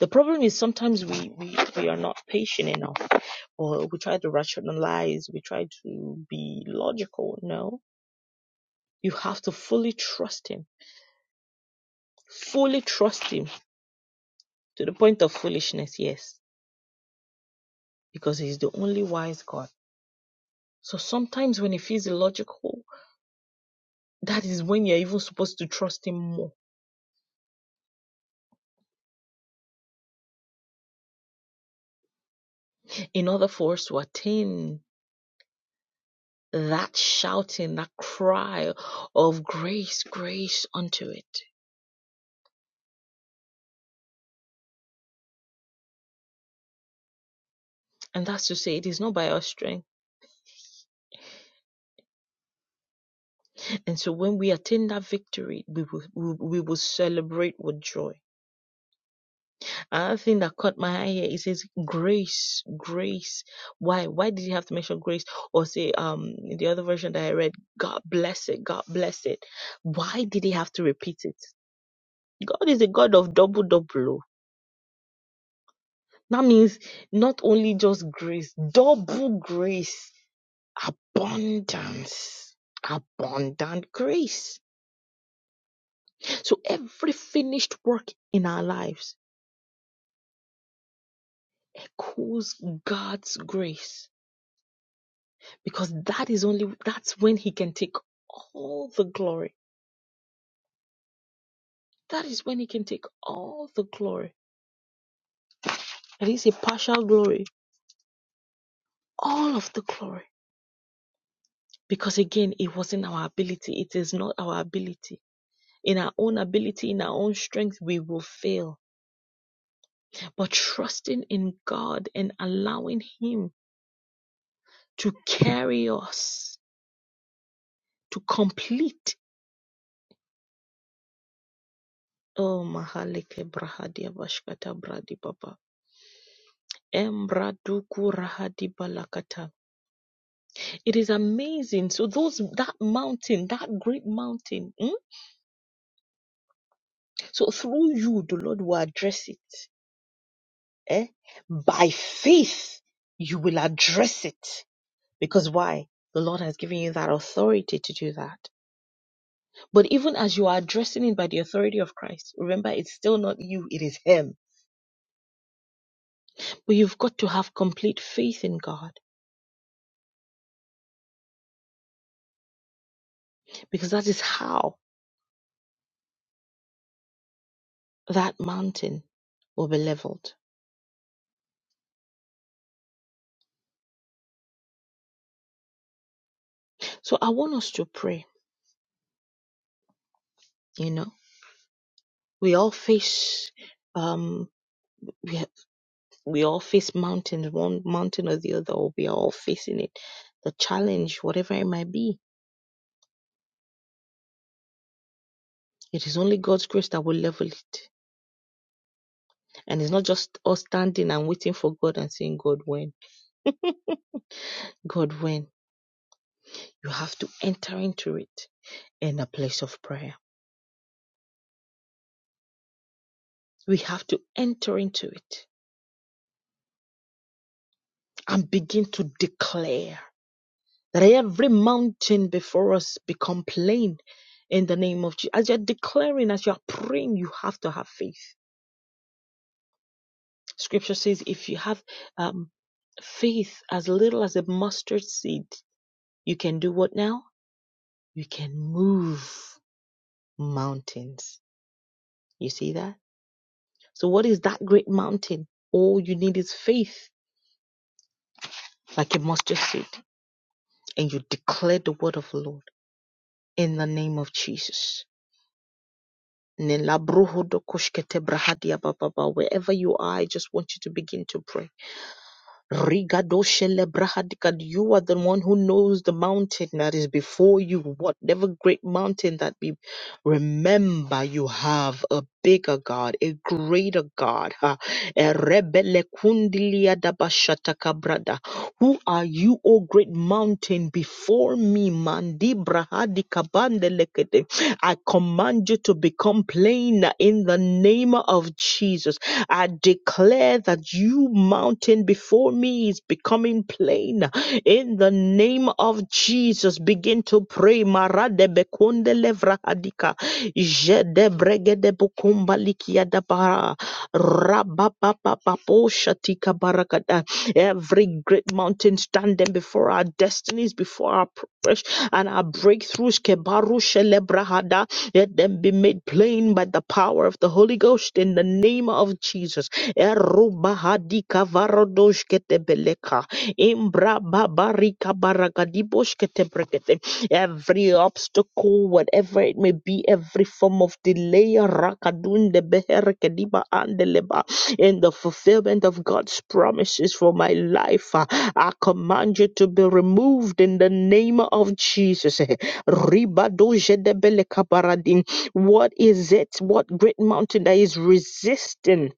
the problem is sometimes we we, we are not patient enough or we try to rationalize, we try to be logical. No, you have to fully trust Him, fully trust Him to the point of foolishness, yes, because He's the only wise God. So sometimes when it feels illogical, that is when you're even supposed to trust Him more in order for us to attain that shouting, that cry of grace, grace unto it. And that's to say, it is not by our strength And so when we attain that victory, we will, we we will celebrate with joy. Another thing that caught my eye here, it says grace, grace. Why? Why did he have to mention grace? Or say, um, in the other version that I read, God bless it, God bless it. Why did he have to repeat it? God is a God of double, double. That means not only just grace, double grace, abundance, abundant grace. So every finished work in our lives echoes God's grace because that is only that's when he can take all the glory. That is when he can take all the glory. It is a partial glory, all of the glory. Because again, it wasn't our ability. It is not our ability. In our own ability, in our own strength, we will fail. But trusting in God and allowing Him to carry us, to complete. Oh, Mahaleke Brahadia Bashkata Bradi Baba It is amazing. So those that mountain, that great mountain. mm, So through you, the Lord will address it. Eh? By faith, you will address it. Because why? The Lord has given you that authority to do that. But even as you are addressing it by the authority of Christ, remember it's still not you, it is Him. But you've got to have complete faith in God because that is how that mountain will be leveled. So I want us to pray. You know, we all face um we ha- we all face mountains, one mountain or the other, or we are all facing it. The challenge, whatever it might be, it is only God's grace that will level it. And it's not just us standing and waiting for God and saying, God, when? God, when? You have to enter into it in a place of prayer. We have to enter into it and begin to declare That every mountain before us become plain in the name of Jesus. As you're declaring, as you're praying, you have to have faith. Scripture says if you have um, faith as little as a mustard seed, you can do what now? You can move mountains. You see that? So, what is that great mountain? All you need is faith, like a mustard seed, and you declare the word of the Lord in the name of Jesus. Nelabruhodo koshkete brahadia bababa. Wherever you are, I just want you to begin to pray. Rigadoshele brahadika. You are the one who knows the mountain that is before you. Whatever great mountain that be, remember you have a bigger God, a greater God. Ha. Erebele kundilia dabashataka brada. Who are you, O great mountain, before me? Mandi brahadika bandelekete. I command you to become plain in the name of Jesus. I declare that you mountain before me is becoming plain in the name of Jesus. Begin to pray. Marade bekunde levra hadika. Jede bregede bukumba likia da bara. Rababababapo shatika barakada. Every great mountain standing before our destinies, before our and our breakthroughs kebaru shelebrahada, let them be made plain by the power of the Holy Ghost in the name of Jesus. Erubahadi kavarodosh ketebeleka, imbrababarika baragadibosh ketebrekete. Every obstacle, whatever it may be, every form of delay, rakadunde beherekediba andeleba, in the fulfillment of God's promises for my life. I command you to be removed in the name of Jesus. Ribadojedebelekabaradin. What is it? What great mountain that is resisting?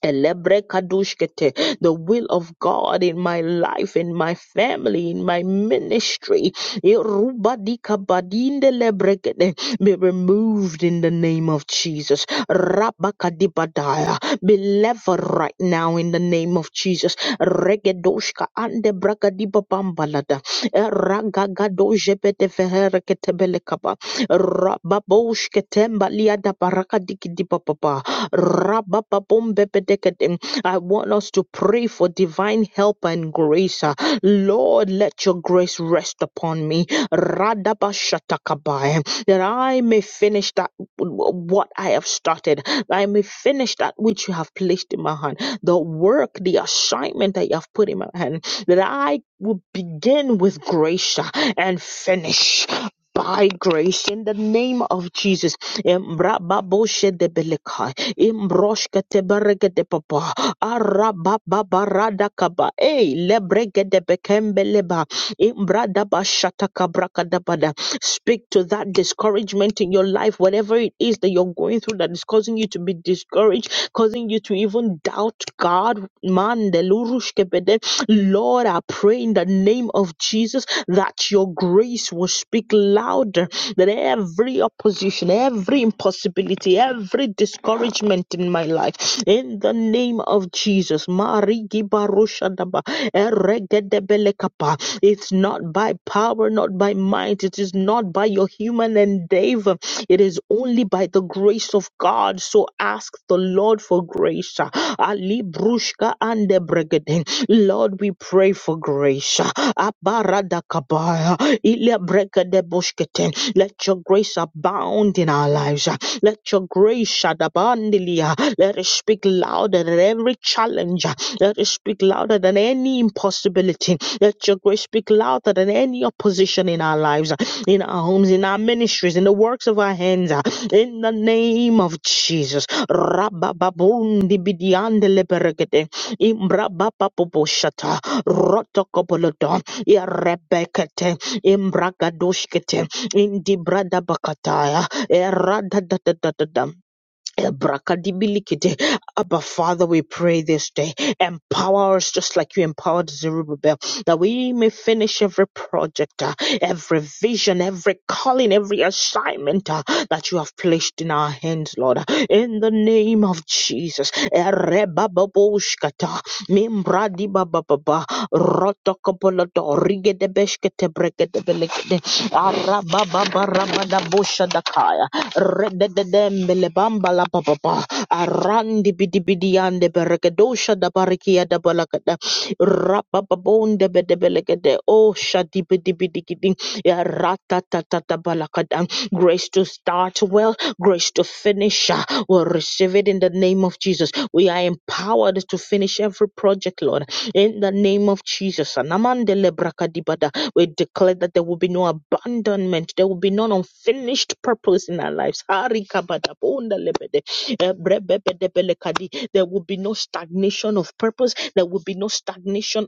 Elebrekadusket, The will of God in my life, in my family, in my ministry Irubadikabadindelebrekede, be removed in the name of Jesus. Rabakadibadaya, Be leveled right now in the name of Jesus. Regedoshka andebrakadibabambalada, eragagadojepetefereketebelekaba, rababoshketembaliadabarakadikidibababa. Rabababombebedekedem. I want us to pray for divine help and grace. uh, Lord, let your grace rest upon me. Radabashatakabai. That I may finish that what I have started. That I may finish that which you have placed in my hand. The work, the assignment that you have put in my hand. That I will begin with grace uh, and finish by grace in the name of Jesus. Em, rababoshe debelekaya imbroshke teberegede papa arababarada kaba e lebregede bekembeleba imbrada bashata kabrakada bada speak to that discouragement in your life whatever it is that you're going through that is causing you to be discouraged causing you to even doubt God man delurushke bede Lord I pray in the name of Jesus that your grace will speak louder that every opposition, every impossibility, every discouragement in my life, in the name of Jesus, Marigi Barushadaba, Eregedebelekapa, it's not by power, not by might, it is not by your human endeavor, it is only by the grace of God. So ask the Lord for grace. Ali Brushka and Debregeden. Lord, we pray for grace. Abaradakabaya. Ilebrekedeboshketen. Let your grace abound in our lives. uh. Let your grace shine abundantly. uh. Let it speak louder than every challenge. uh. Let it speak louder than any impossibility. Let your grace speak louder than any opposition in our lives, uh, in our homes, in our ministries, in the works of our hands. uh, In the name of Jesus. Rabababundi bidiande leberegede. Imbrabababoboshata. Rotokobolodo. Irebekete. Imbragadoshkete. In the brada Bakataya, erada da da da Eradadadadadam. Abracadibilikite. Abba Father, we pray this day. Empower us just like you empowered Zerubbabel, that we may finish every project, uh, every vision, every calling, every assignment uh, that you have placed in our hands, Lord. In the name of Jesus. Erebababoshkata, membradibabababa, rotokopoloto, rigedebeshketebrekedebelekede, arabababarabadaboshadakaya rededembele bamba la papa arandi bidi bidi ande berekedosha da barikia da balakada rapapabonde bedebelekede oh shadi bidi bidi gidi ya ratatatata balakada grace to start well grace to finish uh, we'll receive it in the name of Jesus we are empowered to finish every project Lord in the name of Jesus Anamandele brakadibada we declare that there will be no abandonment. There will be no unfinished purpose in our lives. Harikabadabondalebede, ebrebebedebelekadi. There will be no stagnation of purpose. There will be no stagnation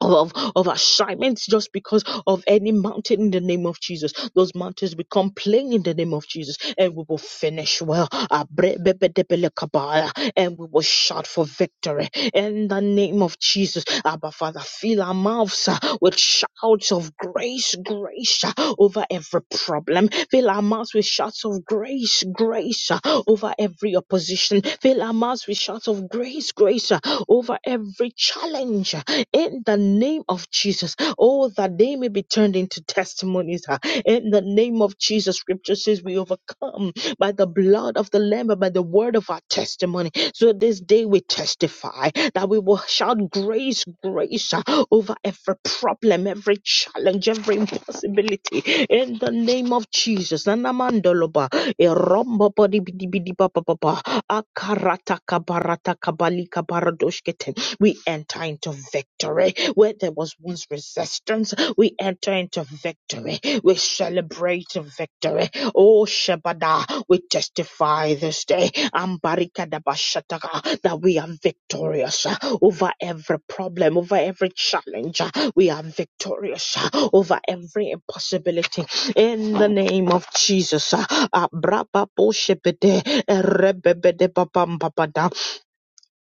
of, of assignments just because of any mountain in the name of Jesus. Those mountains will complain in the name of Jesus and we will finish well. Abrebebedebelekabaya, And we will shout for victory in the name of Jesus. Abba Father, fill our mouths uh, with shouts of grace, grace uh, over every problem. Fill our mouths with shouts of grace, grace uh, over every opposition. Fill our mouths with shouts of grace, grace uh, over every challenge ah, in the name of Jesus. Oh, that they may be turned into testimonies. ah. In the name of Jesus, scripture says we overcome by the blood of the Lamb and by the word of our testimony. So this day we testify that we will shout grace, grace ah, over every problem, every challenge, every impossibility. In the name of Jesus. Nanamandoloba, erombobodibidibidibababa, akarata kabarata kabalika baradoshkete. We enter into victory where there was once resistance. We enter into victory. We celebrate victory. Oh Shebada, we testify this day Ambarikadabashataka, that we are victorious uh, over every problem, over every challenge. uh, We are victorious uh, over every impossibility. In the name of Jesus, uh, Abrababoshebede, Erebebedebabambabada,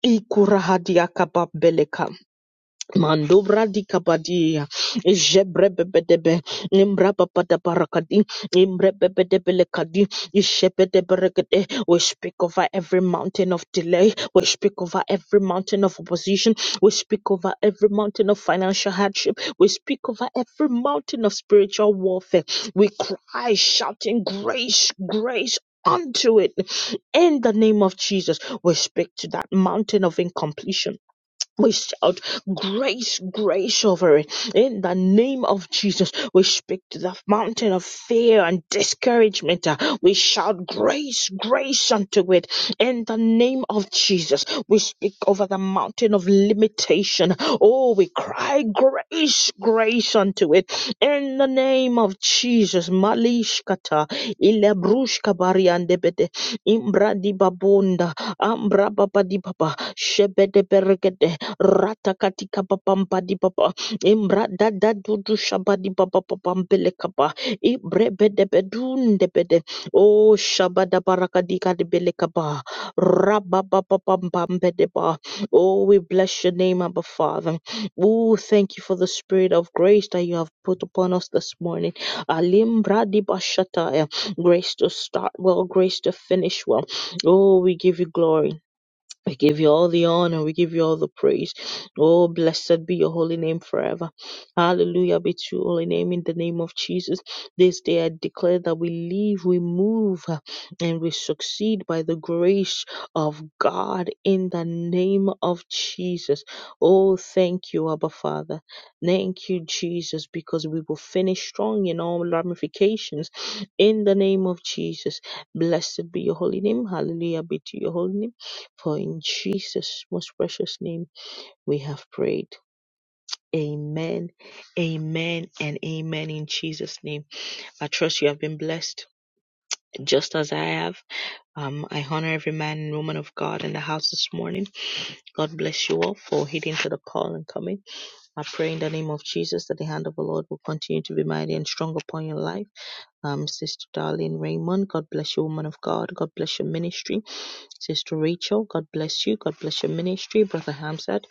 Ikurahadiakabambeleka. Mandobra di kapadia, Jebrebebedebe, Imbrabapata parakadi, Imbrebebedebele kadi, Ishepete berekete. We speak over every mountain of delay. We speak over every mountain of opposition. We speak over every mountain of financial hardship. We speak over every mountain of spiritual warfare. We cry, shouting, Grace, grace. Unto it in the name of Jesus, we speak to that mountain of incompletion we shout grace, grace over it. In the name of Jesus, we speak to the mountain of fear and discouragement. Uh, We shout grace, grace unto it. In the name of Jesus, we speak over the mountain of limitation. Oh, we cry grace, grace unto it. In the name of Jesus, Malishkata, Ilebrushka Bariandebede, Imbra di Babunda, Ambra Baba di Baba, Shebede Bergede, rata katika papampa di papa imbra da da du du shabadi papa papampele kapa ibre bede bedun de bede o shabada baraka di kadibele kapa rabba papa pampampe de ba oh we bless your name abba father oh thank you for the spirit of grace that you have put upon us this morning alimbra di bashataya grace to start well grace to finish well oh we give you glory we give you all the honor. We give you all the praise. Oh, blessed be your holy name forever. Hallelujah be to your holy name in the name of Jesus. This day I declare that we live, we move, uh, and we succeed by the grace of God in the name of Jesus. Oh, thank you, Abba Father. Thank you, Jesus, because we will finish strong in all ramifications in the name of Jesus. Blessed be your holy name. Hallelujah be to your holy name. For in Jesus' most precious name we have prayed. Amen, amen, and amen in Jesus' name. I trust you have been blessed just as I have. Um, I honor every man and woman of God in the house this morning. God bless you all for heeding to the call and coming. I pray in the name of Jesus that the hand of the Lord will continue to be mighty and strong upon your life. Um, Sister Darlene Raymond, God bless you, woman of God. God bless your ministry. Sister Rachel, God bless you. God bless your ministry. Brother Hamzat,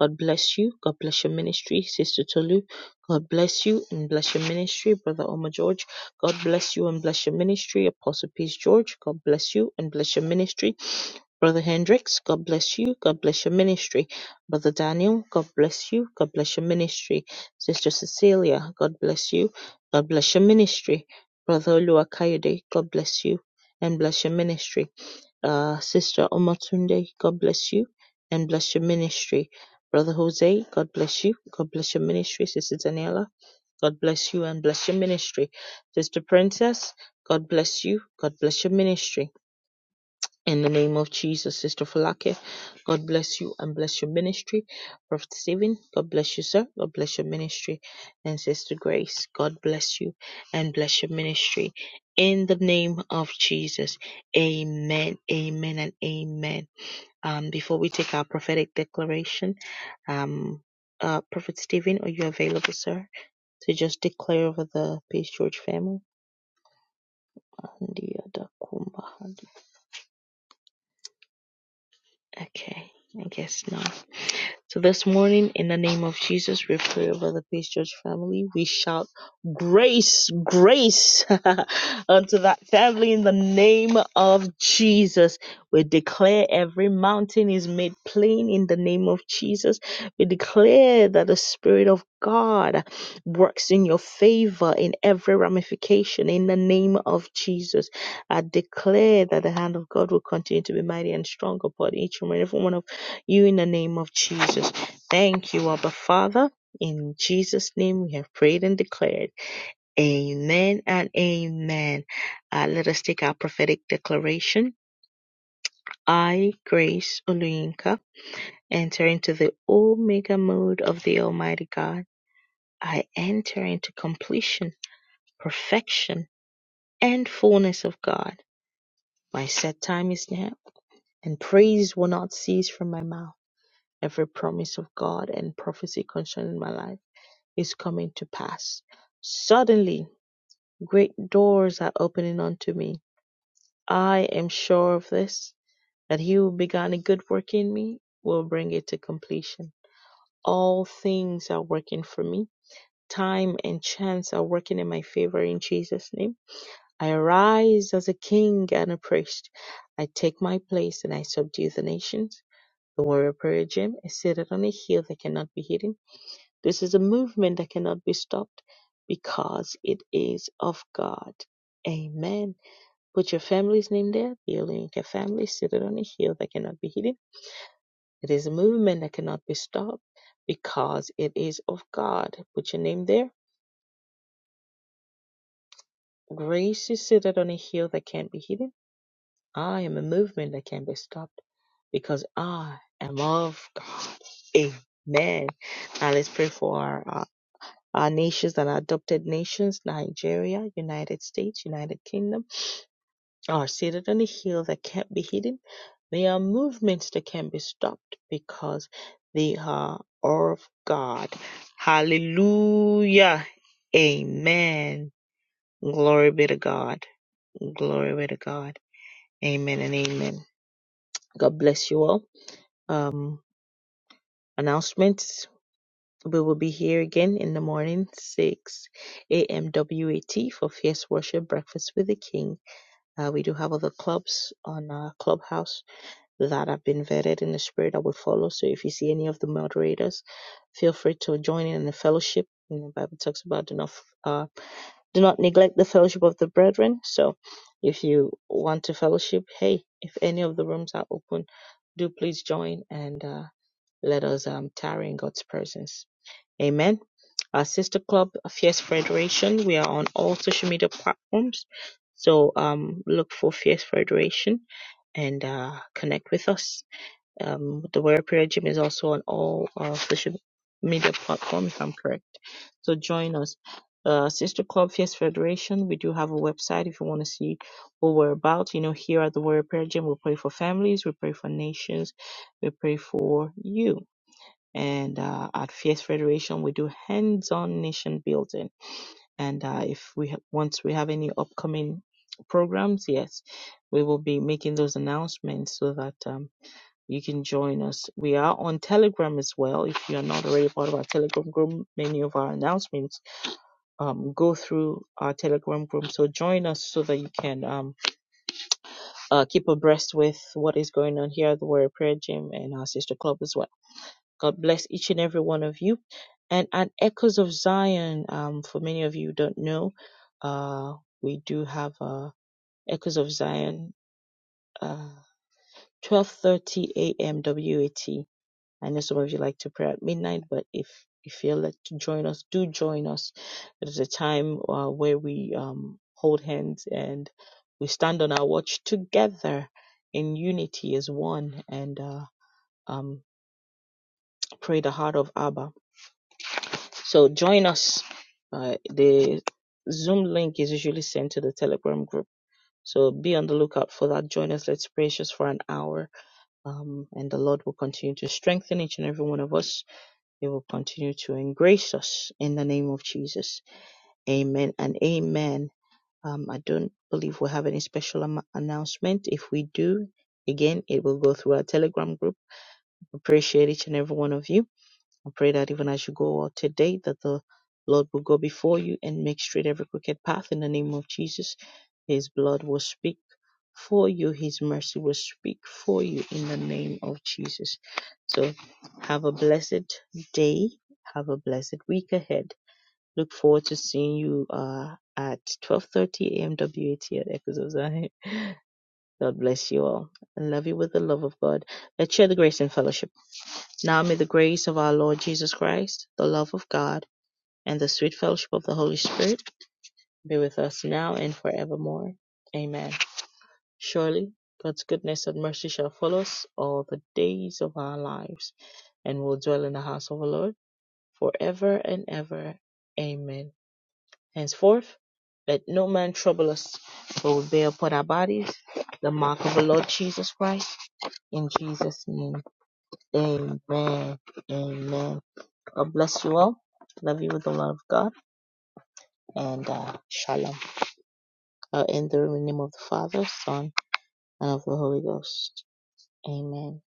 God bless you. God bless your ministry. Sister Tolu, God bless you and bless your ministry. Brother Omar George, God bless you and bless your ministry. Apostle Peace George, God bless you and bless your ministry. Brother Hendricks, God bless you. God bless your ministry. Brother Daniel, God bless you. God bless your ministry. Sister Cecilia, God bless you. God bless your ministry. Brother Oluwakayode, God bless you and bless your ministry uh, Sister Omotunde, God bless you and bless your ministry. Brother Jose, God bless you. God bless your ministry. Sister Daniela, God bless you and bless your ministry. Sister Princess, God bless you. God bless your ministry. In the name of Jesus, Sister Falake, God bless you and bless your ministry. Prophet Stephen, God bless you, sir. God bless your ministry. And Sister Grace, God bless you and bless your ministry. In the name of Jesus, amen, amen, and amen. Um, before we take our prophetic declaration, um, uh, Prophet Stephen, are you available, sir, to just declare over the Peace Church family? Okay, I guess not. So this morning, in the name of Jesus, we pray over the Peace Church family. We shout grace, grace unto that family in the name of Jesus. We declare every mountain is made plain in the name of Jesus. We declare that the Spirit of God works in your favor in every ramification in the name of Jesus. I declare that the hand of God will continue to be mighty and strong upon each and every one of you in the name of Jesus. Thank you, Abba Father. In Jesus' name we have prayed and declared. Amen and amen. Uh, let us take our prophetic declaration. I, Grace Oluyinka, enter into the Omega mode of the Almighty God. I enter into completion, perfection, and fullness of God. My set time is now, and praise will not cease from my mouth. Every promise of God and prophecy concerning my life is coming to pass. Suddenly, great doors are opening unto me. I am sure of this, that he who began a good work in me will bring it to completion. All things are working for me. Time and chance are working in my favor in Jesus' name. I arise as a king and a priest. I take my place and I subdue the nations. The warrior prayer gym is seated on a hill that cannot be hidden. This is a movement that cannot be stopped because it is of God. Amen. Put your family's name there. The Olenka family seated on a hill that cannot be hidden. It is a movement that cannot be stopped because it is of God. Put your name there. Grace is seated on a hill that can't be hidden. I am a movement that can be stopped because I am of God. Amen. Now let's pray for our our nations and adopted nations, Nigeria, United States, United Kingdom, are seated on a hill that can't be hidden. They are movements that can be stopped because they are of God. Hallelujah. Amen. Glory be to God. Glory be to God. Amen and amen. God bless you all. Um, announcements. We will be here again in the morning, 6 a.m. WAT for Fierce Worship Breakfast with the King. Uh, we do have other clubs on our clubhouse that have been vetted in the spirit that we follow. So if you see any of the moderators, feel free to join in the fellowship. And the Bible talks about do not, uh, do not neglect the fellowship of the brethren. So if you want to fellowship, hey, if any of the rooms are open, do please join and uh, let us um, tarry in God's presence. Amen. Our sister club, Fierce Federation, we are on all social media platforms. So um, look for Fierce Federation and uh, connect with us. Um, the Warrior Prayer Gym is also on all uh, social media platforms, if I'm correct. So join us. Uh, Sister Club Fierce Federation, we do have a website if you want to see what we're about. You know, here at the Warrior Prayer Gym, we pray for families, we pray for nations, we pray for you. And uh, at Fierce Federation, we do hands-on nation building. And uh, if we ha- once we have any upcoming programs, yes, we will be making those announcements so that um, you can join us. We are on Telegram as well. If you are not already part of our Telegram group, many of our announcements um, go through our Telegram group. So join us so that you can um, uh, keep abreast with what is going on here at the Warrior Prayer Gym and our sister club as well. God bless each and every one of you. And at Echoes of Zion, um, for many of you who don't know, uh, we do have uh, Echoes of Zion, uh, 12:30 a.m. WAT. I know some of you like to pray at midnight, but if you feel like to join us, do join us. It is a time uh, where we um, hold hands and we stand on our watch together in unity as one and uh, um, pray the heart of Abba So join us. Uh, the Zoom link is usually sent to the Telegram group. So be on the lookout for that. Join us. Let's praise just for an hour. Um, and the Lord will continue to strengthen each and every one of us. He will continue to embrace us in the name of Jesus. Amen and amen. Um, I don't believe we'll have any special am- announcement. If we do, again, it will go through our Telegram group. Appreciate each and every one of you. I pray that even as you go out today, that the Lord will go before you and make straight every crooked path in the name of Jesus. His blood will speak for you, His mercy will speak for you in the name of Jesus. So have a blessed day. Have a blessed week ahead. Look forward to seeing you uh, at 12.30 AMWAT at Echoes of Zion. God bless you all. I love you with the love of God. Let's share the grace and fellowship. Now may the grace of our Lord Jesus Christ, the love of God, and the sweet fellowship of the Holy Spirit be with us now and forevermore. Amen. Surely God's goodness and mercy shall follow us all the days of our lives, and we'll dwell in the house of the Lord forever and ever. Amen. Henceforth, let no man trouble us, for we bear upon our bodies the mark of the Lord Jesus Christ in Jesus' name, amen. Amen. God bless you all. Love you with the love of God and uh, shalom. I'll end the room in the name of the Father, Son, and of the Holy Ghost. Amen.